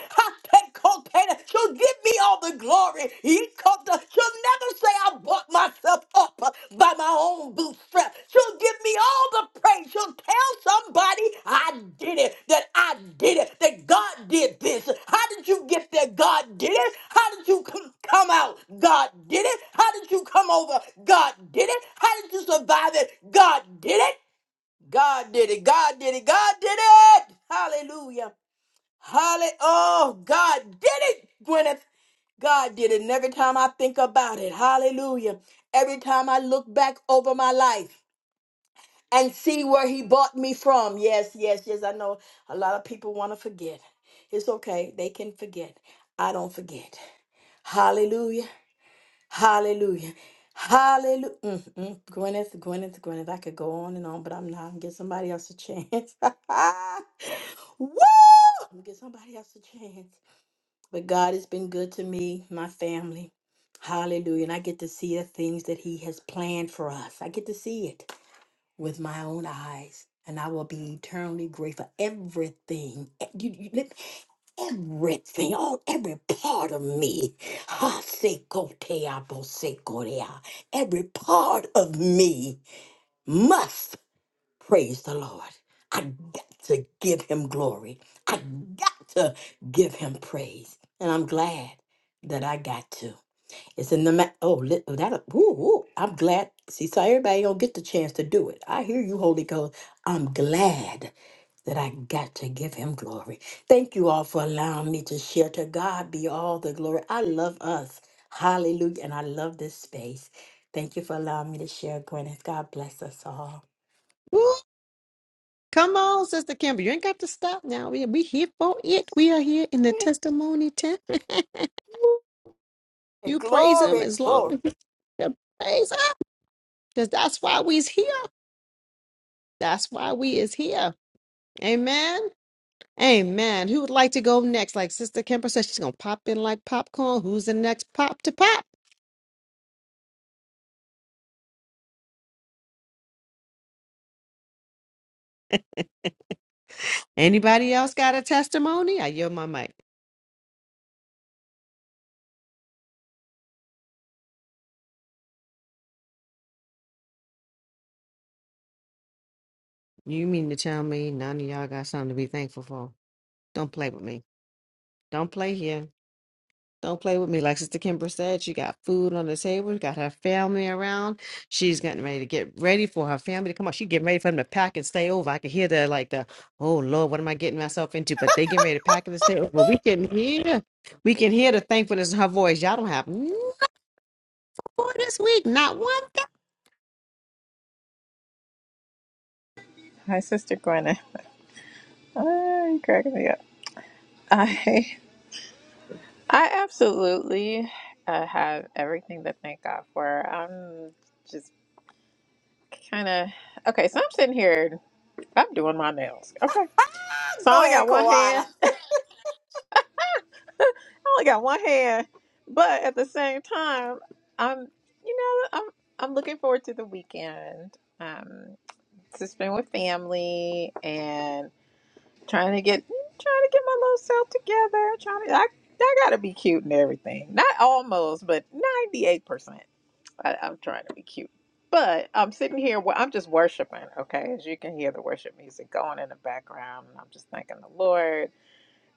[SPEAKER 4] She'll give me all the glory. She'll never say I bought myself up by my own bootstrap. She'll give me all the praise. She'll tell somebody I did it, that I did it, that God did this. How did you get there? God did it. How did you c- come out? God did it. How did you come over? God did it. How did you survive it? God did it. God did it. God did it. God did it. Hallelujah. Hallelujah. Oh, God did it, Gwyneth. God did it. And every time I think about it, hallelujah. Every time I look back over my life and see where he bought me from. Yes, yes, yes. I know a lot of people want to forget. It's okay. They can forget. I don't forget. Hallelujah. Hallelujah. Hallelujah. Mm, mm. Gwyneth, Gwyneth, Gwyneth. I could go on and on, but I'm not. I'm gonna give somebody else a chance. Woo! I'm gonna give somebody else a chance. But God has been good to me, my family. Hallelujah. And I get to see the things that He has planned for us. I get to see it with my own eyes. And I will be eternally grateful. Everything. Eh, You, you, everything, all every part of me. Ha sekotea bo Every part of me must praise the Lord. I got to give him glory. I got to give him praise. And I'm glad that I got to. It's in the ma- oh li- oh, that ooh, ooh, I'm glad. See, so everybody don't get the chance to do it. I hear you, Holy Ghost. I'm glad that I got to give him glory. Thank you all for allowing me to share. To God be all the glory. I love us. Hallelujah. And I love this space. Thank you for allowing me to share, Gwyneth. God bless us all.
[SPEAKER 1] Come on, Sister Kimber. You ain't got to stop now. We we here for it. We are here in the testimony time. you praise him
[SPEAKER 4] Glory,
[SPEAKER 1] as long
[SPEAKER 4] glory.
[SPEAKER 1] as you can praise him. Because that's why we's here. That's why we is here. Amen. Amen. Who would like to go next? Like Sister Kimber said, she's gonna pop in like popcorn. Who's the next pop to pop? Anybody else got a testimony? I yield my mic. You mean to tell me none of y'all got something to be thankful for? Don't play with me. Don't play here. Don't play with me. Like Sister Kimber said, she got food on the table. She got her family around. She's getting ready to get ready for her family to come out. She getting ready for them to pack and stay over. I can hear the like the, oh Lord, what am I getting myself into? But they getting ready to pack and stay over. We can hear, we can hear the thankfulness in her voice. Y'all don't have no for this week, not one thing.
[SPEAKER 5] Hi, Sister Gwen. Ah, you cracking me up. I, I absolutely uh, have everything to thank God for. I'm just kind of okay so i'm sitting here i'm doing my nails okay so i
[SPEAKER 4] Go
[SPEAKER 5] only
[SPEAKER 4] ahead,
[SPEAKER 5] got one
[SPEAKER 4] Kawana.
[SPEAKER 5] hand i only got one hand but at the same time i'm you know i'm i'm looking forward to the weekend um to spend with family and trying to get trying to get my little self together trying to i, I gotta be cute and everything not almost but 98% I, I'm trying to be cute. But I'm sitting here where I'm just worshiping, okay? As you can hear the worship music going in the background, and I'm just thanking the Lord,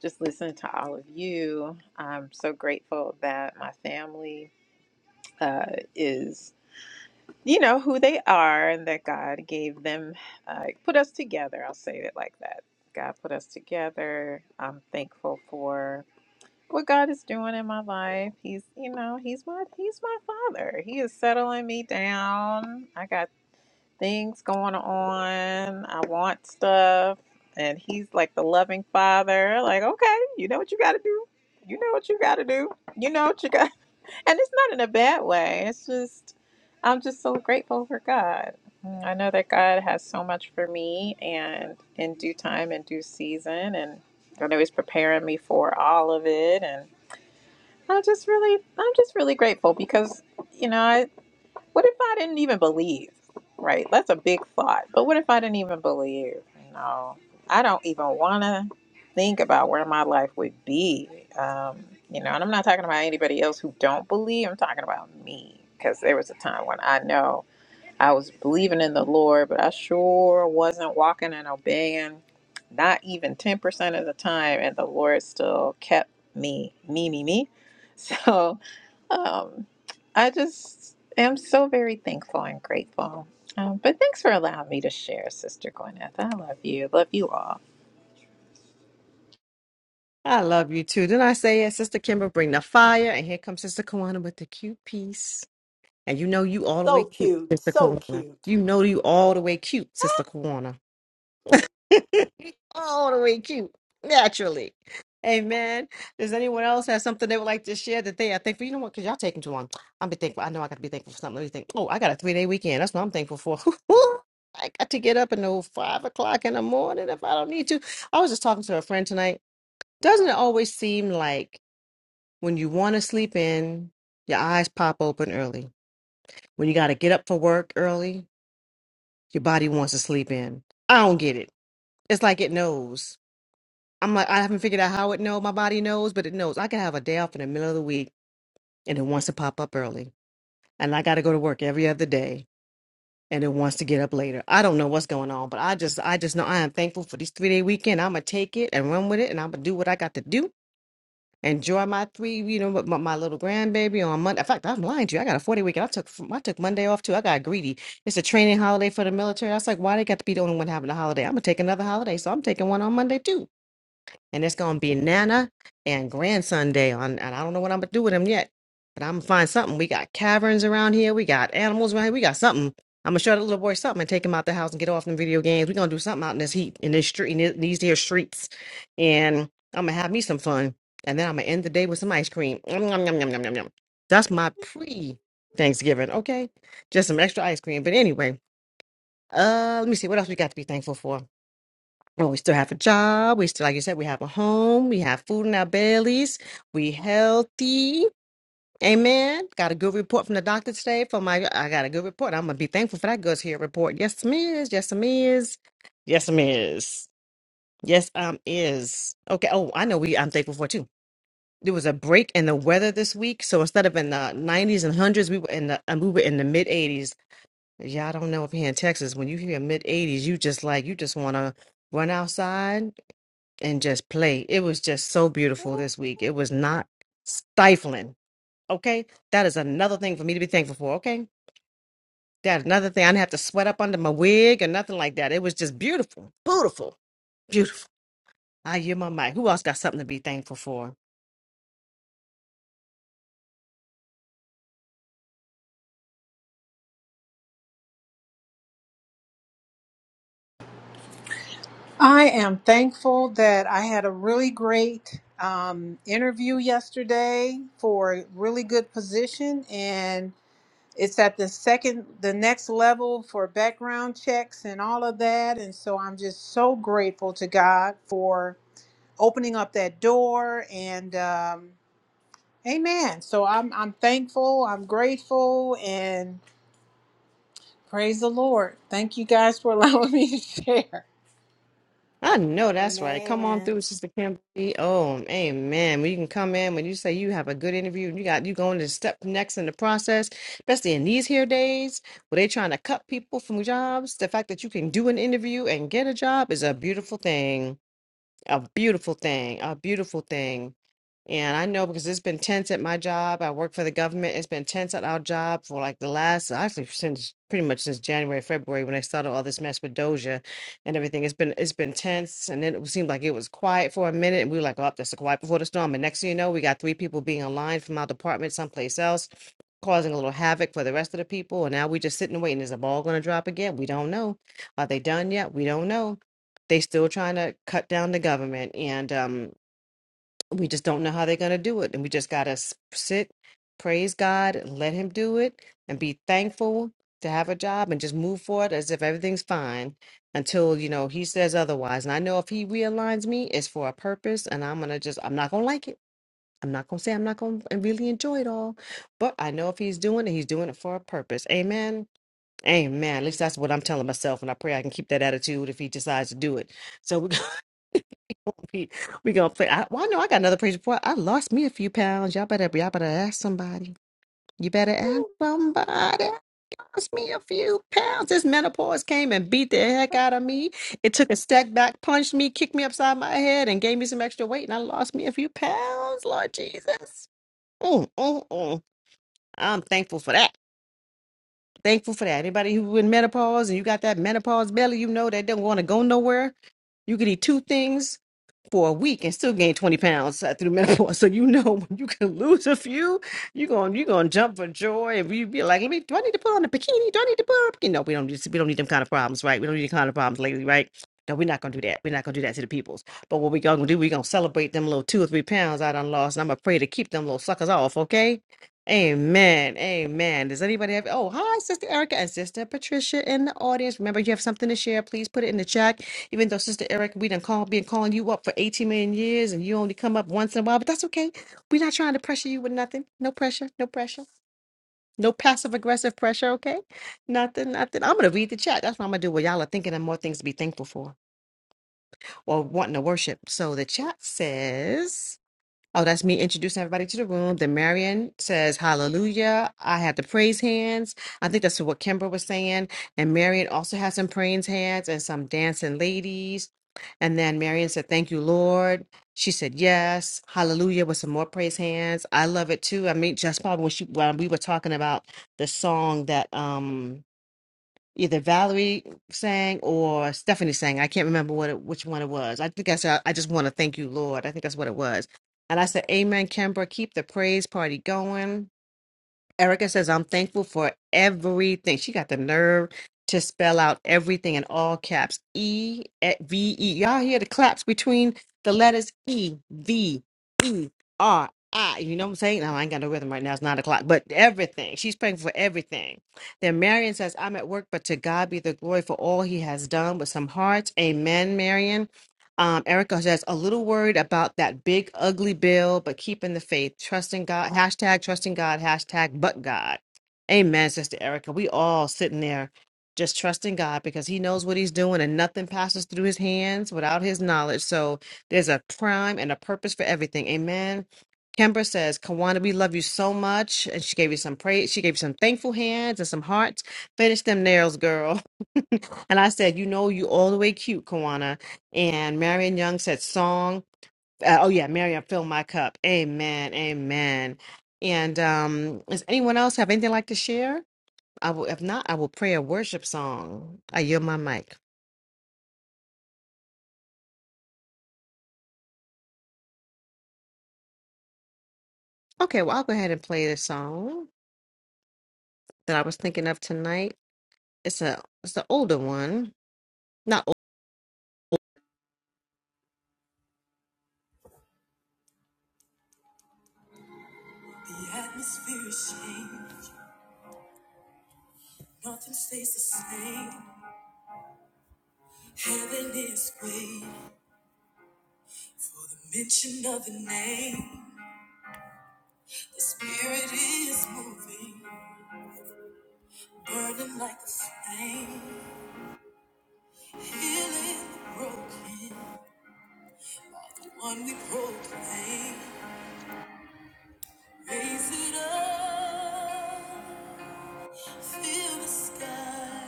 [SPEAKER 5] just listening to all of you. I'm so grateful that my family uh, is, you know, who they are and that God gave them, uh, put us together. I'll say it like that. God put us together. I'm thankful for what God is doing in my life. He's, you know, he's my he's my father. He is settling me down. I got things going on. I want stuff, and he's like the loving father. Like, okay, you know what you got to do. You know what you got to do. You know what you got. And it's not in a bad way. It's just I'm just so grateful for God. Mm, I know that God has so much for me and in due time and due season and I know he's preparing me for all of it and I just really, I'm just really grateful because, you know, I, what if I didn't even believe, right? That's a big thought. But what if I didn't even believe? You know, I don't even want to think about where my life would be. Um, you know, and I'm not talking about anybody else who don't believe. I'm talking about me because there was a time when I know I was believing in the Lord, but I sure wasn't walking and obeying, not even 10% of the time. And the Lord still kept me, me, me, me. So um, I just am so very thankful and grateful. Um, but thanks for allowing me to share, Sister Gwyneth. I love you. Love you all.
[SPEAKER 1] I love you too. Then I say, yeah, Sister Kimber, bring the fire, and here comes Sister Kawana with the cute piece. And you know you all the
[SPEAKER 4] So
[SPEAKER 1] way cute,
[SPEAKER 4] cute.
[SPEAKER 1] Sister
[SPEAKER 4] So
[SPEAKER 1] Kawana.
[SPEAKER 4] cute.
[SPEAKER 1] You know you all the way cute, Sister Kawana. all the way cute naturally. Amen. Does anyone else have something they would like to share that they are thankful? You know what? Because y'all taking too long. I'm be thankful. I know I got to be thankful for something. Let me think. Oh, I got a three day weekend. That's what I'm thankful for. I got to get up at no five o'clock in the morning if I don't need to. I was just talking to a friend tonight. Doesn't it always seem like when you want to sleep in, your eyes pop open early? When you got to get up for work early, your body wants to sleep in. I don't get it. It's like it knows. I'm like, I haven't figured out how it knows. My body knows, but it knows. I can have a day off in the middle of the week and it wants to pop up early. And I got to go to work every other day and it wants to get up later. I don't know what's going on, but I just, I just know I am thankful for this three day weekend. I'm going to take it and run with it and I'm going to do what I got to do. Enjoy my three, you know, my, my little grandbaby on Monday. In fact, I'm lying to you. I got a 40 weekend. I took, I took Monday off too. I got greedy. It's a training holiday for the military. I was like, why they got to be the only one having a holiday? I'm going to take another holiday. So I'm taking one on Monday too and it's gonna be Nana and grandson day on. And I don't know what I'm gonna do with him yet, but I'm gonna find something. We got caverns around here. We got animals around here. We got something. I'm gonna show the little boy something and take him out the house and get off them video games. We're gonna do something out in this heat, in this street, in th- these here streets, and I'm gonna have me some fun. And then I'm gonna end the day with some ice cream. Yum, yum, yum, yum, yum, yum, yum. That's my pre Thanksgiving. Okay, just some extra ice cream. But anyway, uh, let me see what else we got to be thankful for. Well, we still have a job. We still, like you said, we have a home. We have food in our bellies. We healthy. Amen. Got a good report from the doctor today. For my, I got a good report. I'm gonna be thankful for that good here report. Yes, miss. Yes, miss. Yes, miss. Yes, um, is okay. Oh, I know. We, I'm thankful for it, too. There was a break in the weather this week, so instead of in the 90s and hundreds, we were in the, and we were in the mid 80s. Y'all don't know if here in Texas, when you hear mid 80s, you just like you just wanna run outside and just play. It was just so beautiful this week. It was not stifling. Okay. That is another thing for me to be thankful for. Okay. That's another thing. I didn't have to sweat up under my wig or nothing like that. It was just beautiful. Beautiful. Beautiful. I hear my mic. Who else got something to be thankful for?
[SPEAKER 7] I am thankful that I had a really great um, interview yesterday for a really good position, and it's at the second, the next level for background checks and all of that. And so I'm just so grateful to God for opening up that door. And um, Amen. So I'm I'm thankful. I'm grateful, and praise the Lord. Thank you guys for allowing me to share.
[SPEAKER 1] I know that's right. Come on
[SPEAKER 4] Amen.
[SPEAKER 1] through, Sister Kimberly. Oh, amen. When you can come in, when you say you have a good interview, you got you going to step next in the process, especially in these here days where they trying to cut people from jobs. The fact that you can do an interview and get a job is a beautiful thing a beautiful thing, a beautiful thing. And I know because it's been tense at my job. I work for the government. It's been tense at our job for like the last, actually since pretty much since January, February when I started all this mess with Doja and everything. It's been it's been tense, and then it seemed like it was quiet for a minute, and we were like, "Oh, that's a quiet before the storm." And next thing you know, we got three people being aligned from our department someplace else, causing a little havoc for the rest of the people. And now we just sitting and waiting. Is the ball going to drop again? We don't know. Are they done yet? We don't know. They still trying to cut down the government, and um, we just don't know how they're gonna do it. And we just gotta sit, praise God, let Him do it, and be thankful to have a job, and just move forward as if everything's fine until you know He says otherwise. And I know if He realigns me, it's for a purpose, and I'm gonna just I'm not gonna like it. I'm not gonna say I'm not gonna really enjoy it all, but I know if He's doing it, He's doing it for a purpose. Amen. Amen. At least that's what I'm telling myself, and I pray I can keep that attitude if he decides to do it. So, we. We we gonna play. I, well, I know I got another praise report. I lost me a few pounds. Y'all better y'all better ask somebody. You better ask somebody. Lost me a few pounds. This menopause came and beat the heck out of me. It took a step back, punched me, kicked me upside my head, and gave me some extra weight, and I lost me a few pounds. Lord Jesus. Mm, mm, mm. I'm thankful for that. Thankful for that. Anybody who in menopause and you got that menopause belly, you know that don't want to go nowhere. You could eat two things for a week and still gain 20 pounds uh, through menopause. So you know when you can lose a few, you're going you're gonna jump for joy and you be like, Let me do I need to put on a bikini? Do I need to put on a bikini? No, we don't need we don't need them kind of problems, right? We don't need the kind of problems lately, right? No, we're not gonna do that. We're not gonna do that to the peoples. But what we gonna do, we gonna celebrate them little two or three pounds I done lost, and I'm gonna pray to keep them little suckers off, okay? Amen. Amen. Does anybody have? Oh, hi, Sister Erica and Sister Patricia in the audience. Remember, you have something to share. Please put it in the chat. Even though Sister Erica, we done call, been calling you up for 18 million years and you only come up once in a while, but that's okay. We're not trying to pressure you with nothing. No pressure. No pressure. No passive aggressive pressure, okay? Nothing, nothing. I'm going to read the chat. That's what I'm going to do. Well, y'all are thinking of more things to be thankful for or wanting to worship. So the chat says. Oh, that's me introducing everybody to the room. Then Marion says, Hallelujah. I have the praise hands. I think that's what Kimber was saying. And Marion also has some praise hands and some dancing ladies. And then Marion said, Thank you, Lord. She said, Yes. Hallelujah with some more praise hands. I love it too. I mean, just probably when, she, when we were talking about the song that. um Either Valerie sang or Stephanie sang. I can't remember what it, which one it was. I think I said, I just want to thank you, Lord. I think that's what it was. And I said, Amen, Kimbra. Keep the praise party going. Erica says, I'm thankful for everything. She got the nerve to spell out everything in all caps. E eh, V E. Y'all hear the claps between the letters E V E R I. You know what I'm saying? No, I ain't got no rhythm right now. It's nine o'clock. But everything. She's praying for everything. Then Marion says, I'm at work, but to God be the glory for all he has done with some hearts. Amen, Marion. Um, Erica says, a little worried about that big, ugly bill, but keeping the faith, trusting God, hashtag trusting God, hashtag but God. Amen, Sister Erica. We all sitting there just trusting God because He knows what He's doing and nothing passes through His hands without His knowledge. So there's a prime and a purpose for everything. Amen. Kimber says, Kawana, we love you so much. And she gave you some praise. She gave you some thankful hands and some hearts. Finish them nails, girl. And I said, you know, you all the way cute, Kawana. And Marion Young said, song. Uh, oh yeah, Marion, fill my cup. Amen, amen. And um, does anyone else have anything like to share? I will. If not, I will pray a worship song. I yield my mic. Okay, well, I'll go ahead and play the song that I was thinking of tonight. It's a, it's the older one, not old. The atmosphere is changed. Nothing stays the same. Heaven is waiting for the mention of the name. Your spirit is moving, burning like a flame, healing the broken, the one we proclaim. Raise it up, fill the sky.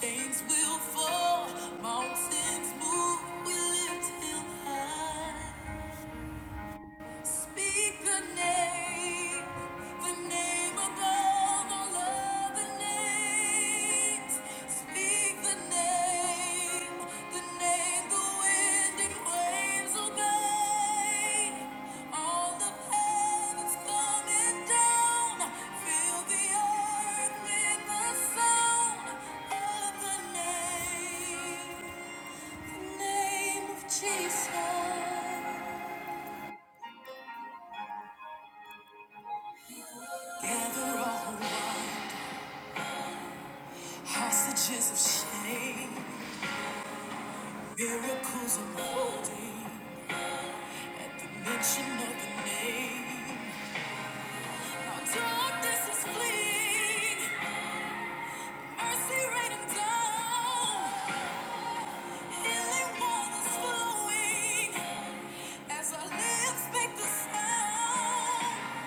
[SPEAKER 1] Chains will fall, mountains move, we lift him high. Speak the name, the name above all other names. Speak the name, the name the wind and waves obey. All the heavens coming down, fill the earth with the sound of the name, the name of Jesus. Gather all around, hostages of shame, miracles unfolding at the mention of the name. Our darkness is fleeing, mercy raining down, healing waters flowing as our lips make the sound.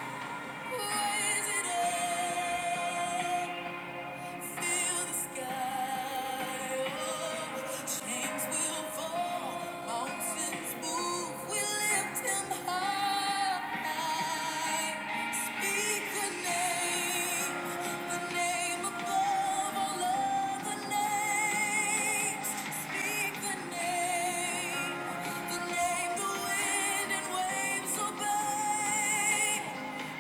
[SPEAKER 1] Raise it up. Speak the name, the name the wind and waves obey.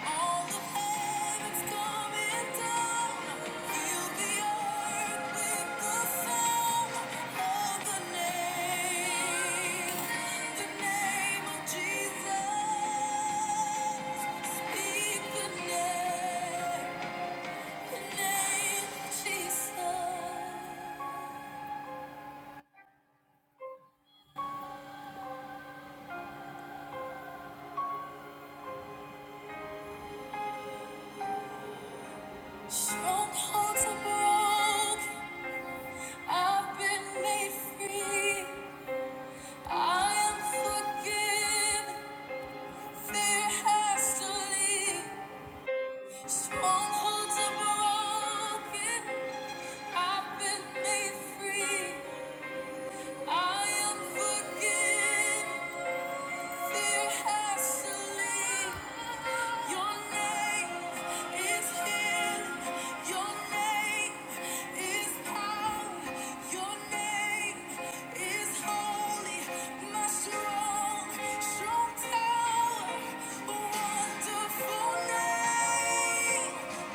[SPEAKER 1] All the heavens coming down, fill the earth with the sound of the name, the name of Jesus. Speak the name, the name of Jesus. Strongholds are broken. I've been made free. I am forgiven. Fear has to leave. Strongholds are broken. I've been made free. I am forgiven. Strong tower, wonderful name. Thank you.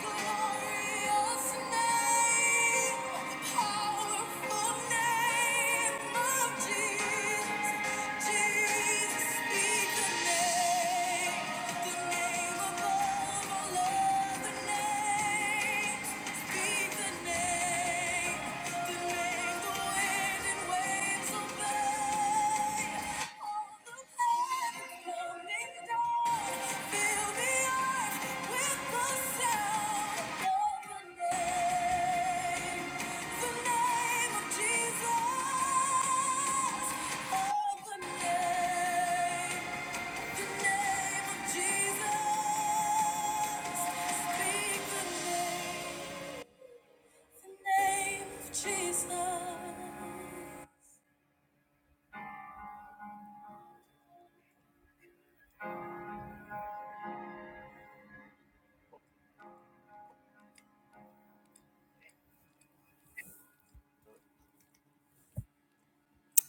[SPEAKER 1] Jesus.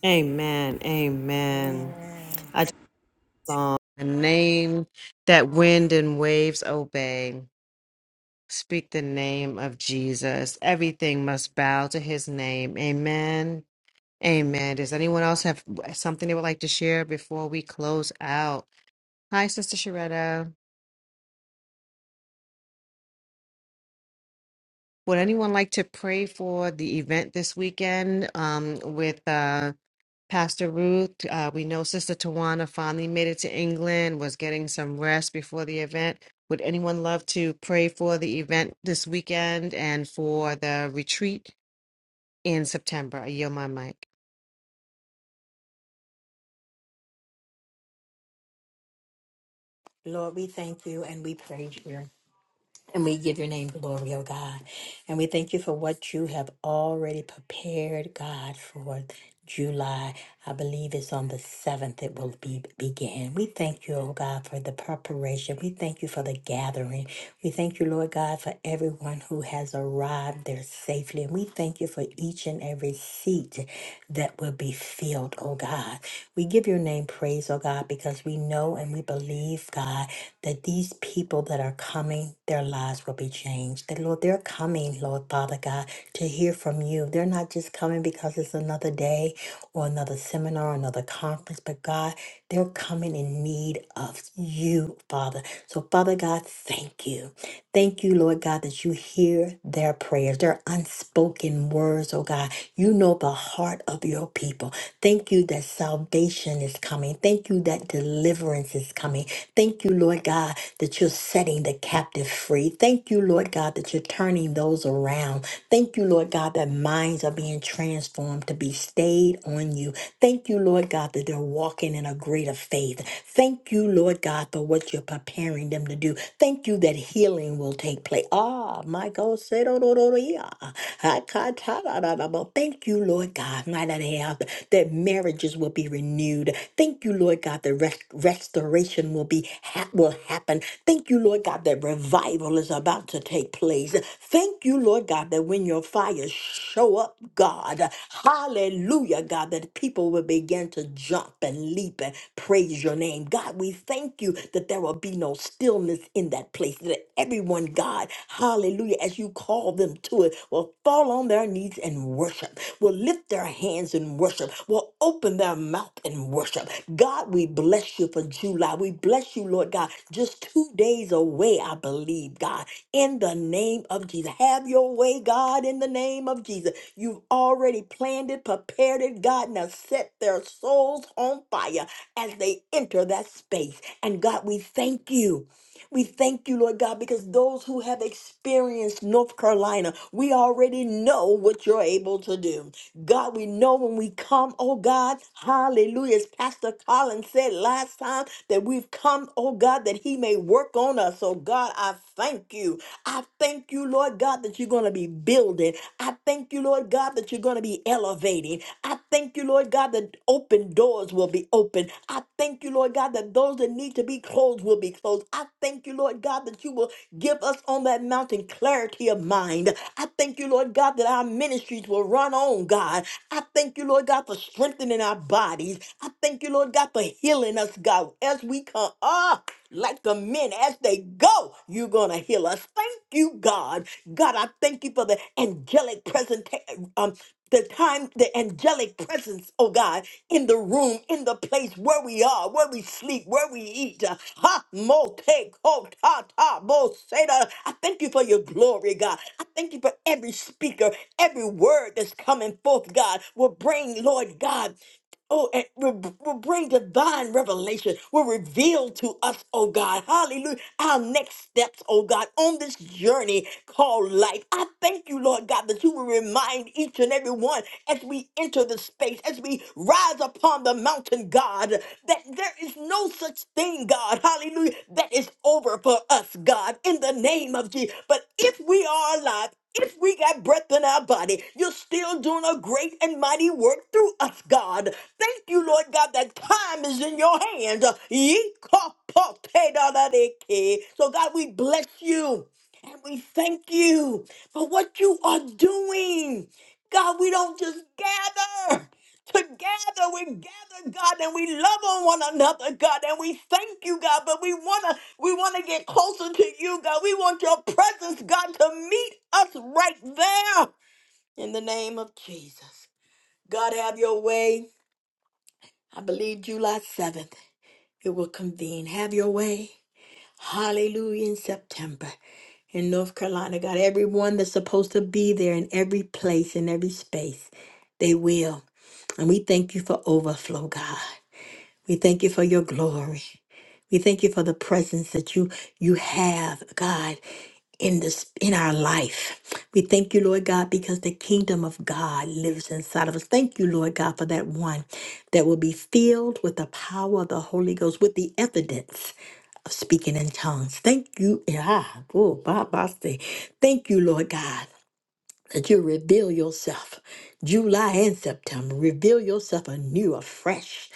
[SPEAKER 1] Amen. Amen.
[SPEAKER 4] Amen.
[SPEAKER 1] I just saw a name that wind and waves obey. Speak the name of Jesus. Everything must bow to his name. Amen. Amen. Does anyone else have something they would like to share before we close out? Hi, Sister Sharetta. Would anyone like to pray for the event this weekend um, with? uh, Pastor Ruth, uh, we know Sister Tawana finally made it to England, was getting some rest before the event. Would anyone love to pray for the event this weekend and for the retreat in September? I yield my mic.
[SPEAKER 4] Lord, we thank you and we praise you. And we give your name glory, oh God. And we thank you for what you have already prepared, God, for July. I believe it's on the 7th it will be begin. We thank you, oh God, for the preparation. We thank you for the gathering. We thank you, Lord God, for everyone who has arrived there safely. And we thank you for each and every seat that will be filled, oh God. We give your name praise, oh God, because we know and we believe, God, that these people people that are coming, their lives will be changed. That, Lord, they're coming, Lord Father God, to hear from you. They're not just coming because it's another day or another seminar, another conference, but God, they're coming in need of you, Father. So, Father God, thank you. Thank you, Lord God, that you hear their prayers, their unspoken words, oh God. You know the heart of your people. Thank you that salvation is coming coming. Thank you that deliverance is coming. Thank you, Lord God, that you're setting the captive free. Thank you, Lord God, that you're turning those around. Thank you, Lord God, that minds are being transformed to be stayed on you. Thank you, Lord God, that they're walking in a greater faith. Thank you, Lord God, for what you're preparing them to do. Thank you that healing will take place. Ah, my God, said, "Oh, no, no, no, yeah." Thank you, Lord. Lord God, my Lord, help that marriages will be renewed. Thank you, Lord God, that rest- restoration will be ha- will happen. Thank you, Lord God, that revival is about to take place. Thank you, Lord God, that when your fires show up, God, hallelujah, God, that people will begin to jump and leap and praise your name. God, we thank you that there will be no stillness in that place, that everyone, God, hallelujah, as you call them to it, will fall on their knees and worship, will lift their hands and worship, will open their mouth and worship. God, we bless you for July. We bless you, Lord God. Just two days away, I believe, God, in the name of Jesus. Have your way, God, in the name of Jesus. You've already planned it, prepared it, God. Now set their souls on fire as they enter that space. And God, we thank you. We thank you, Lord God, because those who have experienced North Carolina, we already know what you're able to do. God, we know when we come, oh God, hallelujah. As Pastor Collins said last time, that we've come, oh God, that he may work on us. Oh God, I thank you. I thank you, Lord God, that you're going to be building. I thank you, Lord God, that you're going to be elevating. I thank you, Lord God, that open doors will be open. I thank you, Lord God, that those that need to be closed will be closed. I thank you, Lord God, that you will give us on that mountain clarity of mind. I thank you, Lord God, that our ministries will run on, God. I thank you, Lord God, for strengthening our bodies. I thank you, Lord God, for healing us, God, as we come up. Like the men, as they go, you're going to heal us. Thank you, God. God, I thank you for the angelic presentation. um, the time, the angelic presence, oh God, in the room, in the place where we are, where we sleep, where we eat. uh, Ha, mo, te, ko, ta, ta, bo, se, da. I thank you for your glory, God. I thank you for every speaker, every word that's coming forth, God, will bring, Lord God. Oh, and re- will bring divine revelation, will reveal to us, oh God, hallelujah, our next steps, oh God, on this journey called life. I thank you, Lord God, that you will remind each and every one as we enter the space, as we rise upon the mountain, God, that there is no such thing, God, hallelujah, that is over for us, God, in the name of Jesus. But if we are alive, if we got breath in our body, you're still doing a great and mighty work through us, God. Thank you, Lord God, that time is in your hands. Yee-ka-pa-te-da-da-de-ke. So, God, we bless you and we thank you for what you are doing. God, we don't just gather. Together we gather, God, and we love on one another, God, and we thank you, God. But we wanna, we wanna get closer to you, God. We want your presence, God, to meet us right there. In the name of Jesus, God, have your way. I believe July seventh, it will convene. Have your way. Hallelujah in September in North Carolina, God. Everyone that's supposed to be there in every place, in every space, they will. And we thank you for overflow, God. We thank you for your glory. We thank you for the presence that you you have, God, in this in our life. We thank you, Lord God, because the kingdom of God lives inside of us. Thank you, Lord God, for that one that will be filled with the power of the Holy Ghost, with the evidence of speaking in tongues. Thank you. Ah, oh, Baba say, Thank you, Lord God that you reveal yourself July and September. Reveal yourself anew, afresh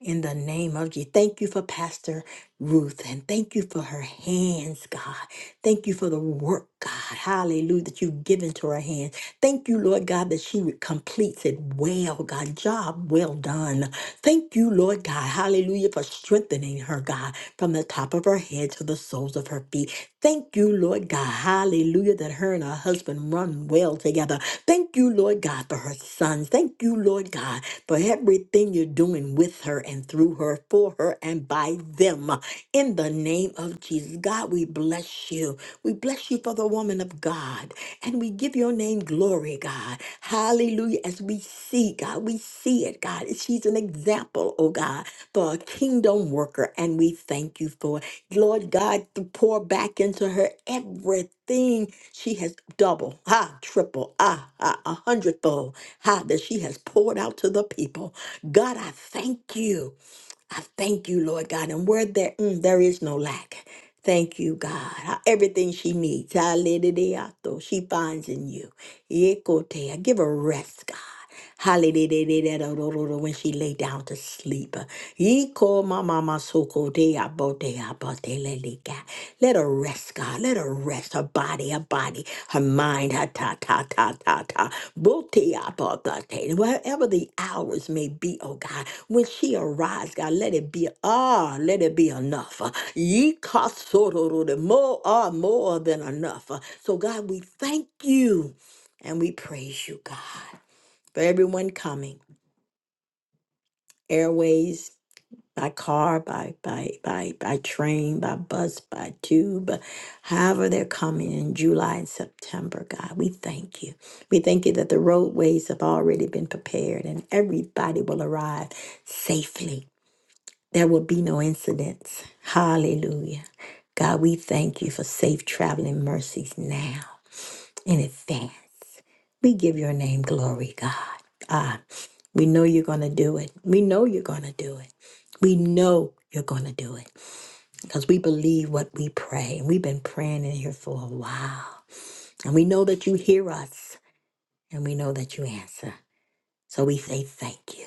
[SPEAKER 4] in the name of Jesus. Thank you for Pastor Ruth and thank you for her hands, God. Thank you for the work, God. Hallelujah, that you've given to her hands. Thank you, Lord God, that she completes it well, God. Job well done. Thank you, Lord God. Hallelujah, for strengthening her, God, from the top of her head to the soles of her feet. Thank you, Lord God. Hallelujah, that her and her husband run well together. Thank you, Lord God, for her sons. Thank you, Lord God, for everything you're doing with her and through her, for her, and by them. In the name of Jesus, God, we bless you. We bless you for the woman of God. And we give your name glory, God. God. Hallelujah. As we see, God, we see it, God. She's an example, oh God, for a kingdom worker, and we thank you for it. Lord God, to pour back into her everything she has double, ah, triple, ah, ah, a hundredfold, ah, that she has poured out to the people. God, I thank you. I thank you, Lord God. And where there, mm, there is no lack. Thank you, God. Ah, Everything she needs, hallelujah, she finds in you. Yekotea, Give her rest, God. Hallelujah, when she lay down to sleep. Yeko mama masokotea, botea, boteleleka. Let her rest, God. Let her rest her body, her body, her mind, her ta ta ta ta ta. Botea, botea. Whatever the hours may be, oh God. When she arrives, God, let it be ah, let it be enough. Ye kasororo, more ah, more than enough. So God, we thank you and we praise you, God, for everyone coming. Airways, by car, by by by by train, by bus, by tube, however they're coming in July and September, God, we thank you. We thank you that the roadways have already been prepared and everybody will arrive safely There will be no incidents. Hallelujah. God, we thank you for safe traveling mercies now in advance. We give your name glory, God. Ah, we know you're going to do it. We know you're going to do it. We know you're going to do it because we believe what we pray. And we've been praying in here for a while. And we know that you hear us and we know that you answer. So we say thank you.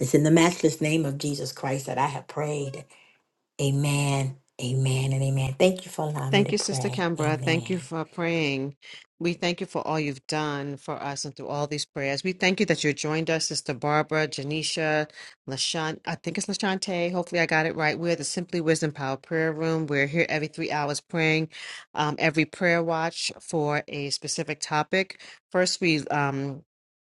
[SPEAKER 4] It's in the matchless name of Jesus Christ that I have prayed. Amen. Amen and amen. Thank you for allowing me
[SPEAKER 1] Thank
[SPEAKER 4] to
[SPEAKER 1] you, Sister
[SPEAKER 4] pray.
[SPEAKER 1] Kimbra. Thank
[SPEAKER 4] Amen.
[SPEAKER 1] you for praying. We thank you for all you've done for us and through all these prayers. We thank you that you joined us, Sister Barbara, Janisha, LaShawn. I think it's LaShante. Hopefully, I got it right. We're the Simply Wisdom Power Prayer Room. We're here every three hours praying um, every prayer watch for a specific topic. First, we um,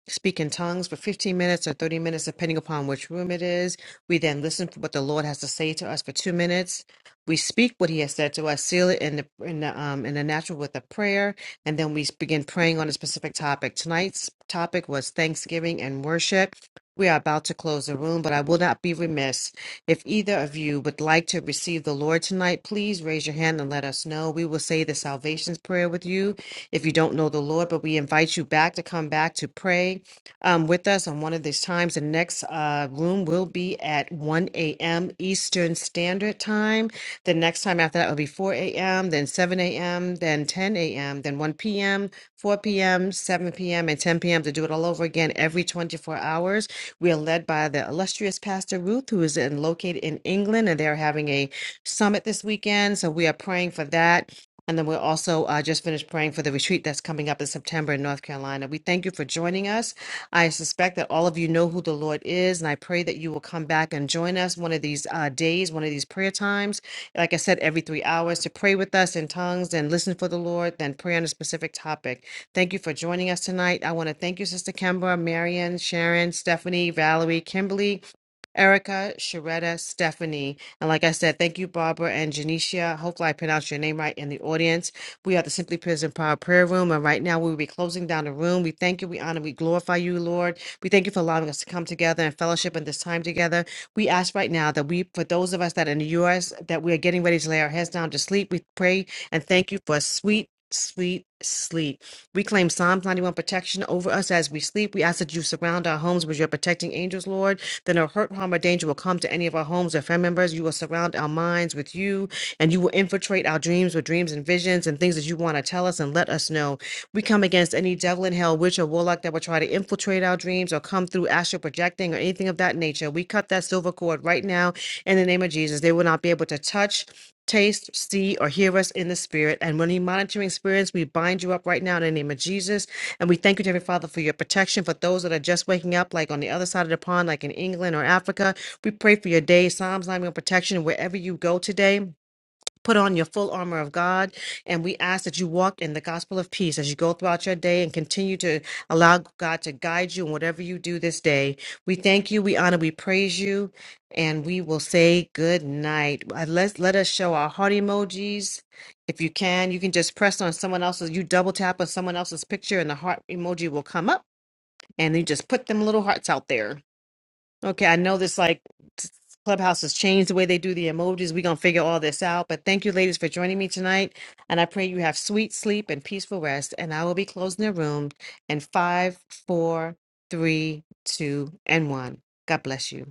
[SPEAKER 1] speak in tongues for 15 minutes or 30 minutes, depending upon which room it is. We then listen for what the Lord has to say to us for two minutes we speak what he has said to us, seal it in the in the um in the natural with a prayer, and then we begin praying on a specific topic. Tonight's topic was Thanksgiving and worship. We are about to close the room, but I will not be remiss if either of you would like to receive the Lord tonight. Please raise your hand and let us know. We will say the salvation's prayer with you if you don't know the Lord, but we invite you back to come back to pray um, with us on one of these times. The next uh, room will be at 1 a.m. Eastern Standard Time. The next time after that will be 4 a.m., then 7 a.m., then 10 a.m., then 1 p.m., 4 p.m., 7 p.m., and 10 p.m. to do it all over again every 24 hours. We are led by the illustrious Pastor Ruth, who is in, located in England, and they're having a summit this weekend. So we are praying for that. And then we're also uh, just finished praying for the retreat that's coming up in September in North Carolina. We thank you for joining us. I suspect that all of you know who the Lord is, and I pray that you will come back and join us one of these uh, days, one of these prayer times. Like I said, every three hours to pray with us in tongues and listen for the Lord, then pray on a specific topic. Thank you for joining us tonight. I want to thank you, Sister Kemba, Marion, Sharon, Stephanie, Valerie, Kimberly. Erica, Sharetta, Stephanie. And like I said, thank you, Barbara and Janicia. Hopefully, I pronounced your name right in the audience. We are the Simply Prison Power Prayer Room. And right now, we will be closing down the room. We thank you, we honor, we glorify you, Lord. We thank you for allowing us to come together and fellowship in this time together. We ask right now that we, for those of us that are in the U.S., that we are getting ready to lay our heads down to sleep, we pray and thank you for a sweet, Sweet sleep. We claim Psalms 91 protection over us as we sleep. We ask that you surround our homes with your protecting angels, Lord. Then no hurt, harm, or danger will come to any of our homes or family members. You will surround our minds with you, and you will infiltrate our dreams with dreams and visions and things that you want to tell us and let us know. We come against any devil in hell, witch, or warlock that will try to infiltrate our dreams or come through astral projecting or anything of that nature. We cut that silver cord right now in the name of Jesus. They will not be able to touch. Taste, see, or hear us in the spirit. And when you monitoring spirits, we bind you up right now in the name of Jesus and we thank you, dear Father, for your protection for those that are just waking up, like on the other side of the pond, like in England or Africa. We pray for your day, Psalms 91 protection, wherever you go today. Put on your full armor of God, and we ask that you walk in the gospel of peace as you go throughout your day and continue to allow God to guide you in whatever you do this day. We thank you, we honor, we praise you, and we will say good night. Uh, Let's, let us show our heart emojis. If you can, you can just press on someone else's, you double tap on someone else's picture, and the heart emoji will come up, and you just put them little hearts out there. Okay, I know this like Clubhouse has changed the way they do the emojis. We're gonna figure all this out. But thank you, ladies, for joining me tonight. And I pray you have sweet sleep and peaceful rest. And I will be closing the room in five, four, three, two, and one. God bless you.